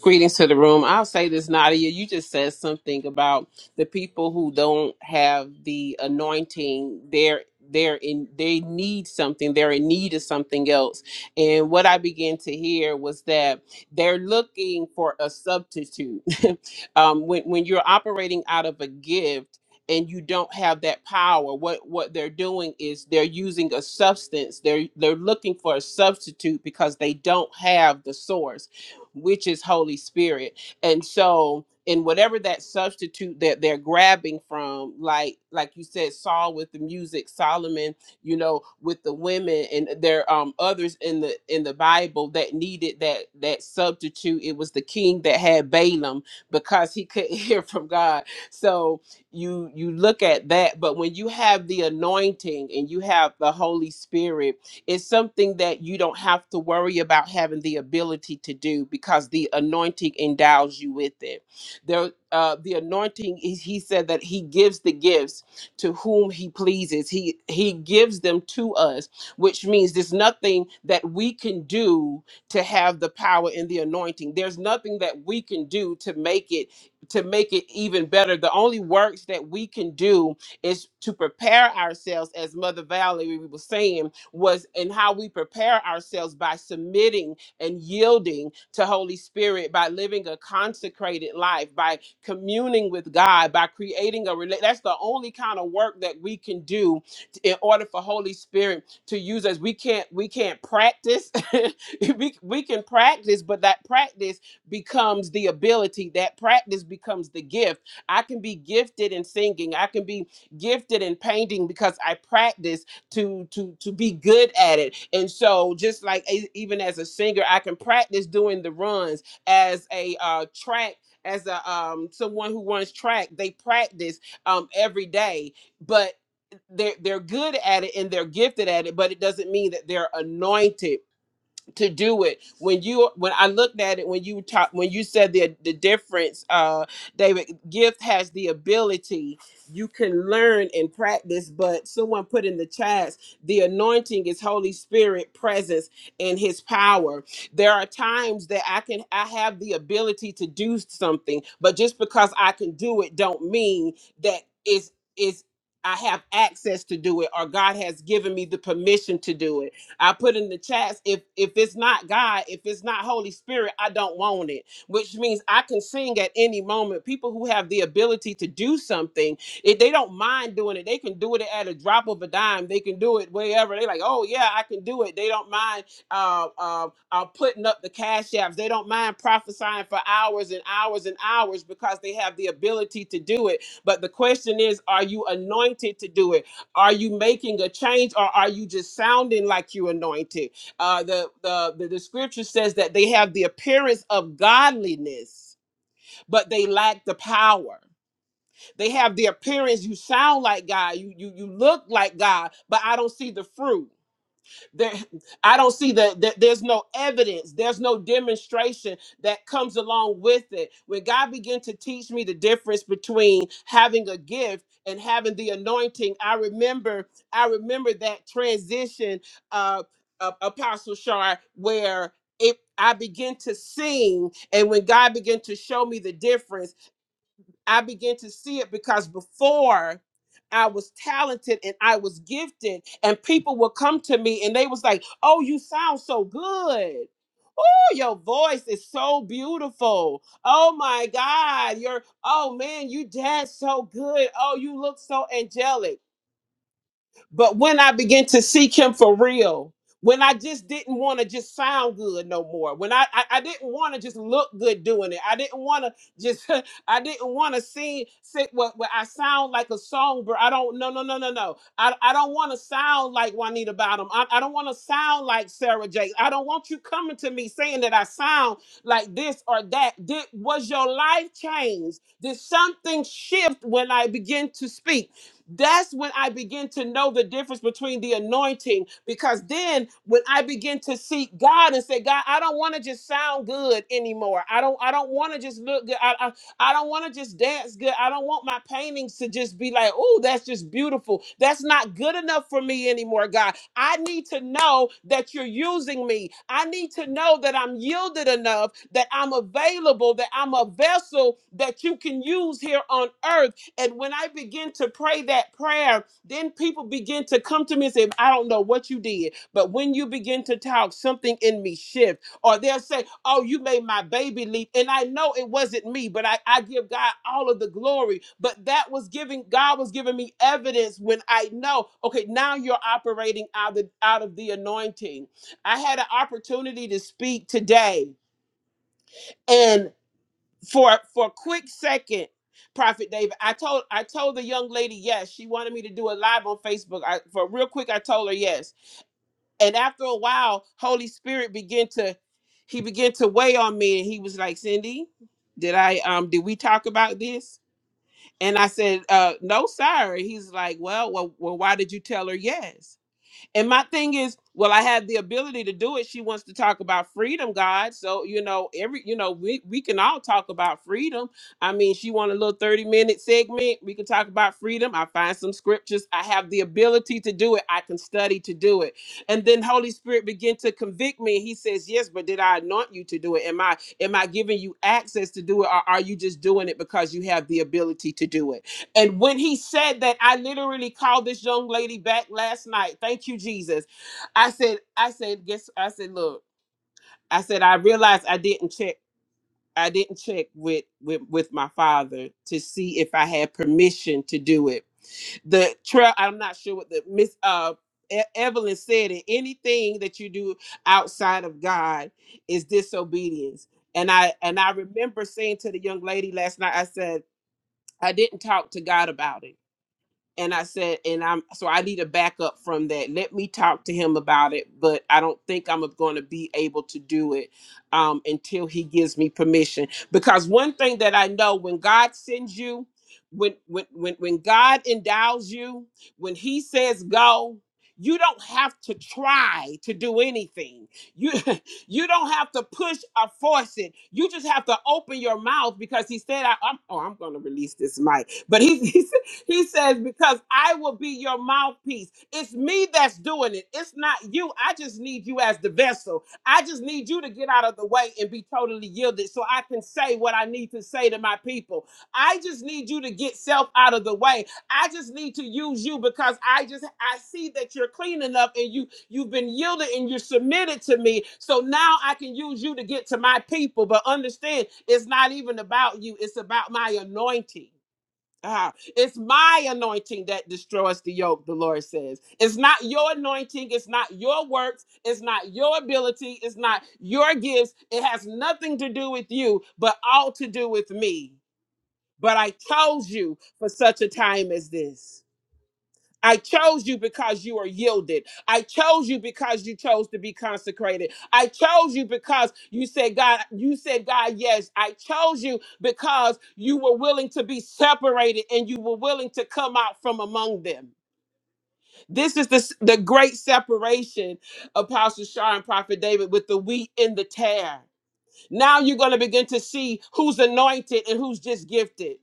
[SPEAKER 7] Greetings to the room. I'll say this, Nadia. You just said something about the people who don't have the anointing. They're they're in they need something. They're in need of something else. And what I began to hear was that they're looking for a substitute. um, when when you're operating out of a gift and you don't have that power, what what they're doing is they're using a substance. They're they're looking for a substitute because they don't have the source which is Holy Spirit. And so in whatever that substitute that they're grabbing from, like like you said, Saul with the music, Solomon, you know, with the women, and there um others in the in the Bible that needed that that substitute. It was the king that had Balaam because he couldn't hear from God. So you you look at that, but when you have the anointing and you have the Holy Spirit it's something that you don't have to worry about having the ability to do because the anointing endows you with it. There, uh, the anointing, he he said that he gives the gifts to whom he pleases. He he gives them to us, which means there's nothing that we can do to have the power and the anointing. There's nothing that we can do to make it to make it even better. The only works that we can do is to prepare ourselves, as Mother Valerie was saying, was and how we prepare ourselves by submitting and yielding to Holy Spirit, by living a consecrated life, by communing with God, by creating a relate. That's the only kind of work that we can do t- in order for Holy Spirit to use us. We can't we can't practice. we, we can practice, but that practice becomes the ability. That practice becomes the gift. I can be gifted in singing. I can be gifted in painting because I practice to to to be good at it and so just like e- even as a singer i can practice doing the runs as a uh track as a um someone who runs track they practice um every day but they're they're good at it and they're gifted at it but it doesn't mean that they're anointed to do it when you when i looked at it when you talk when you said the the difference uh david gift has the ability you can learn and practice but someone put in the chats the anointing is holy spirit presence and his power there are times that i can i have the ability to do something but just because i can do it don't mean that it's it's i have access to do it or god has given me the permission to do it I put in the chats if if it's not God, if it's not Holy Spirit, I don't want it. Which means I can sing at any moment. People who have the ability to do something, if they don't mind doing it, they can do it at a drop of a dime. They can do it wherever. They like, oh yeah, I can do it. They don't mind uh, uh, uh, putting up the cash apps. They don't mind prophesying for hours and hours and hours because they have the ability to do it. But the question is, are you anointed to do it? Are you making a change or are you just sounding like you anointed? Uh, the, the, the, the scripture says that they have the appearance of godliness, but they lack the power. They have the appearance, you sound like God, you, you, you look like God, but I don't see the fruit. There, I don't see that that there's no evidence, there's no demonstration that comes along with it. When God began to teach me the difference between having a gift and having the anointing, I remember, I remember that transition, uh, uh Apostle Shar, where it I began to sing, and when God began to show me the difference. I began to see it because before I was talented and I was gifted, and people would come to me and they was like, "Oh, you sound so good." Oh, your voice is so beautiful. Oh my God. You're, oh man, you dance so good. Oh, you look so angelic. But when I began to seek him for real, when I just didn't want to just sound good no more, when I I, I didn't want to just look good doing it, I didn't want to just I didn't want to sing sit what what I sound like a songbird. I don't no no no no no. I I don't want to sound like Juanita Bottom. I, I don't want to sound like Sarah J. I don't want you coming to me saying that I sound like this or that. Did was your life changed? Did something shift when I began to speak? That's when I begin to know the difference between the anointing. Because then when I begin to seek God and say, God, I don't want to just sound good anymore. I don't, I don't want to just look good. I, I, I don't want to just dance good. I don't want my paintings to just be like, oh, that's just beautiful. That's not good enough for me anymore, God. I need to know that you're using me. I need to know that I'm yielded enough, that I'm available, that I'm a vessel that you can use here on earth and when I begin to pray that prayer, then people begin to come to me and say, I don't know what you did. But when you begin to talk, something in me shift. Or they'll say, Oh, you made my baby leap. And I know it wasn't me, but I, I give God all of the glory. But that was giving God was giving me evidence when I know, okay, now you're operating out of out of the anointing. I had an opportunity to speak today. and for for a quick second, Prophet David, I told I told the young lady yes. She wanted me to do a live on Facebook. I for real quick, I told her yes. And after a while, Holy Spirit began to he began to weigh on me, and he was like, "Cindy, did I um did we talk about this?" And I said, uh, "No, sir." He's like, "Well, well, well, why did you tell her yes?" And my thing is, well, I had the ability to do it. She wants to talk about freedom, God. So, you know, every you know, we, we can all talk about freedom. I mean, she want a little 30 minute segment. We can talk about freedom. I find some scriptures. I have the ability to do it. I can study to do it. And then Holy Spirit begin to convict me. He says, Yes, but did I anoint you to do it? Am I am I giving you access to do it? Or are you just doing it because you have the ability to do it? And when he said that, I literally called this young lady back last night. Thank you, Jesus. I said, I said, guess, I said, look, I said, I realized I didn't check, I didn't check with with, with my father to see if I had permission to do it. The trail, I'm not sure what the Miss uh E- Evelyn said it. Anything that you do outside of God is disobedience. And I and I remember saying to the young lady last night, I said, I didn't talk to God about it and I said, and I'm so I need a backup from that. Let me talk to him about it, but I don't think I'm going to be able to do it um, until he gives me permission. Because one thing that I know, when God sends you, when when when when God endows you, when He says go. You don't have to try to do anything. You you don't have to push or force it. You just have to open your mouth because he said, I, am oh, I'm going to release this mic." But he, He says, Because I will be your mouthpiece. It's me that's doing it. It's not you. I just need you as the vessel. I just need you to get out of the way and be totally yielded so I can say what I need to say to my people. I just need you to get self out of the way. I just need to use you because I just I see that you're clean enough and you you've been yielded and you're submitted to me. So now I can use you to get to my people. But understand it's not even about you, it's about my anointing. Ah, it's my anointing that destroys the yoke, the Lord says. It's not your anointing. It's not your works. It's not your ability. It's not your gifts. It has nothing to do with you, but all to do with me. But I chose you for such a time as this. I chose you because you are yielded. I chose you because you chose to be consecrated. I chose you because you said, God, you said, God, yes. I chose you because you were willing to be separated and you were willing to come out from among them. This is the, s- the great separation, Apostle Shar and Prophet David, with the wheat and the tare. Now you're going to begin to see who's anointed and who's just gifted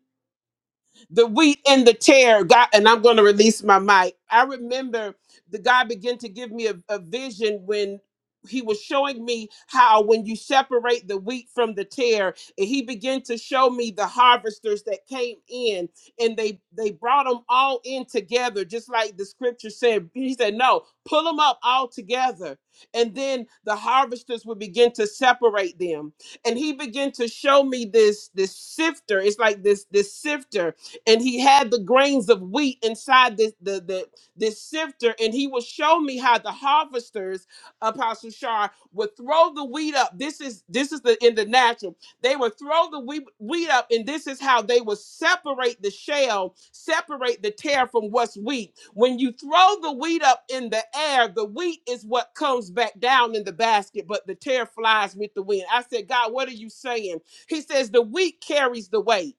[SPEAKER 7] the wheat and the tear. God, and I'm going to release my mic. I remember the God began to give me a, a vision when he was showing me how when you separate the wheat from the tear and he began to show me the harvesters that came in and they they brought them all in together just like the scripture said he said no pull them up all together and then the harvesters would begin to separate them and he began to show me this this sifter it's like this this sifter and he had the grains of wheat inside this the, the this sifter and he would show me how the harvesters apostle shar would throw the wheat up this is this is the in the natural they would throw the wheat, wheat up and this is how they would separate the shell separate the tear from what's wheat when you throw the wheat up in the air the wheat is what comes back down in the basket but the tear flies with the wind i said god what are you saying he says the wheat carries the weight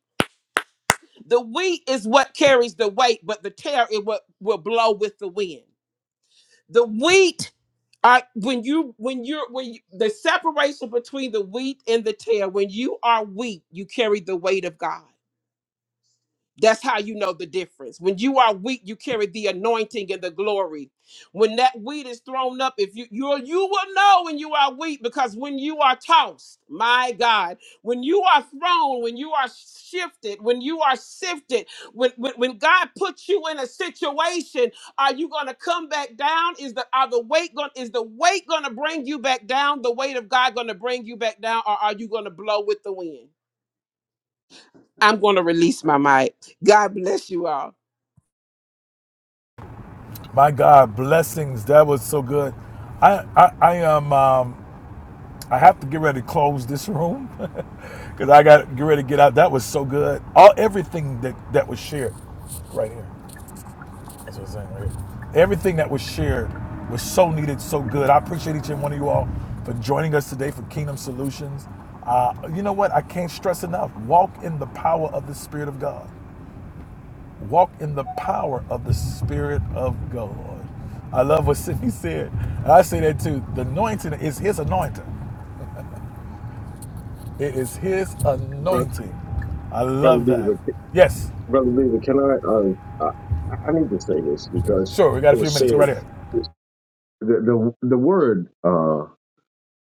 [SPEAKER 7] the wheat is what carries the weight, but the tear is what will blow with the wind. The wheat are when you when you're when you, the separation between the wheat and the tear. When you are wheat, you carry the weight of God. That's how you know the difference. When you are weak, you carry the anointing and the glory. When that wheat is thrown up, if you you you will know when you are weak because when you are tossed, my God, when you are thrown, when you are shifted, when you are sifted, when when, when God puts you in a situation, are you going to come back down? Is the are the weight going is the weight going to bring you back down? The weight of God going to bring you back down, or are you going to blow with the wind? I'm going to release my mic. God bless you all.
[SPEAKER 2] My God, blessings. That was so good. I I, I am. Um, I have to get ready to close this room because I got to get ready to get out. That was so good. All everything that that was shared, right here. That's what I'm saying. Right here. Everything that was shared was so needed, so good. I appreciate each and one of you all for joining us today for Kingdom Solutions. Uh, you know what? I can't stress enough. Walk in the power of the Spirit of God. Walk in the power of the Spirit of God. I love what Sydney said. And I say that too. The anointing is his anointing. It is His
[SPEAKER 8] Bro-
[SPEAKER 2] anointing. I
[SPEAKER 8] Brother
[SPEAKER 2] love
[SPEAKER 8] Beaver,
[SPEAKER 2] that.
[SPEAKER 8] c-
[SPEAKER 2] Yes,
[SPEAKER 8] Brother Beaver, can I, uh, I, I need to say this because
[SPEAKER 2] sure. We got a
[SPEAKER 8] it
[SPEAKER 2] few
[SPEAKER 8] was
[SPEAKER 2] minutes. Go
[SPEAKER 8] said,
[SPEAKER 2] right here.
[SPEAKER 8] the, the, the word, uh,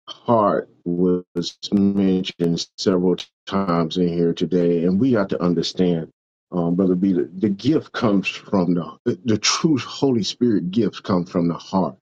[SPEAKER 8] heart was mentioned several times in here today, and we have to understand, um, Brother Beaver, the gift comes from the, the true Holy Spirit gift comes from the heart.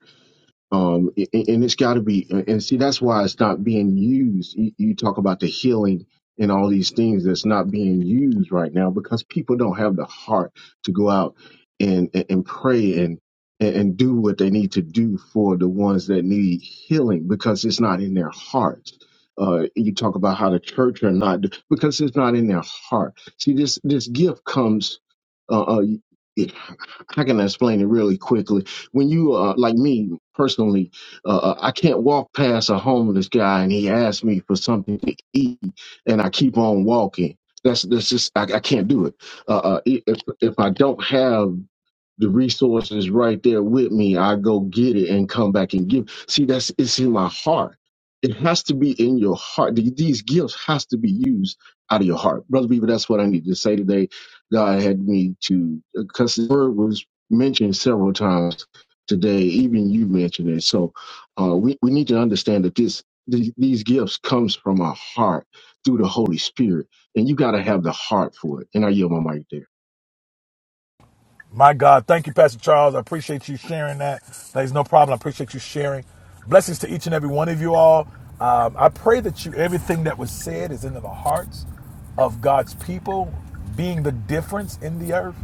[SPEAKER 8] Um, a- and it's got to be, uh, and see, that's why it's not being used. You, you talk about the healing and all these things that's not being used right now because people don't have the heart to go out and and, and pray and and and do what they need to do for the ones that need healing because it's not in their hearts. Uh, you talk about how the church are not because it's not in their heart. See, this this gift comes. Uh, uh, it, how can I explain it really quickly? when you uh, like me personally, uh, uh, I can't walk past a homeless guy and he asks me for something to eat, and I keep on walking. That's that's just I, I can't do it. Uh, uh, if if I don't have the resource is right there with me. I go get it and come back and give. See, that's it's in my heart. It has to be in your heart. Th- These gifts has to be used out of your heart, brother. Beaver, that's what I need to say today. God had me to because the word was mentioned several times today. Even you mentioned it. So uh, we we need to understand that this th- these gifts comes from our heart through the Holy Spirit, and you got to have the heart for it. And I yield my mic there.
[SPEAKER 2] My God, thank you, Pastor Charles. I appreciate you sharing that. There's no problem. I appreciate you sharing. Blessings to each and every one of you all. Um, I pray that you everything that was said is into the hearts of God's people, being the difference in the earth.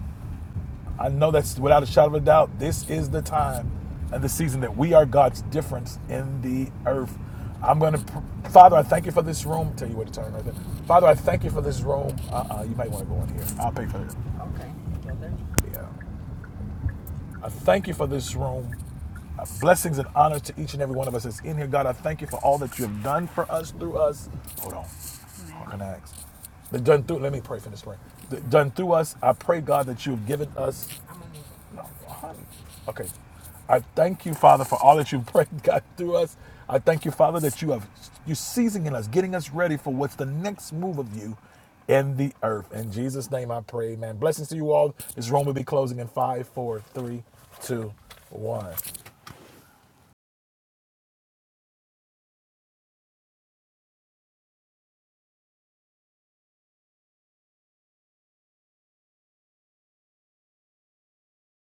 [SPEAKER 2] I know that's without a shadow of a doubt, this is the time and the season that we are God's difference in the earth. I'm going to, pr- Father, I thank you for this room. Tell you where to turn right there. Father, I thank you for this room. Uh-uh, you might want to go in here. I'll pay for it. Yeah. I thank you for this room. Uh, blessings and honor to each and every one of us that's in here. God, I thank you for all that you have done for us through us. Hold on. What can I ask? The done through, let me pray for this prayer. The done through us, I pray, God, that you have given us Okay. I thank you, Father, for all that you've prayed, God, through us. I thank you, Father, that you have you're seizing in us, getting us ready for what's the next move of you in the earth. In Jesus' name I pray, amen. Blessings to you all. This room will be closing in five, four, three, two, one.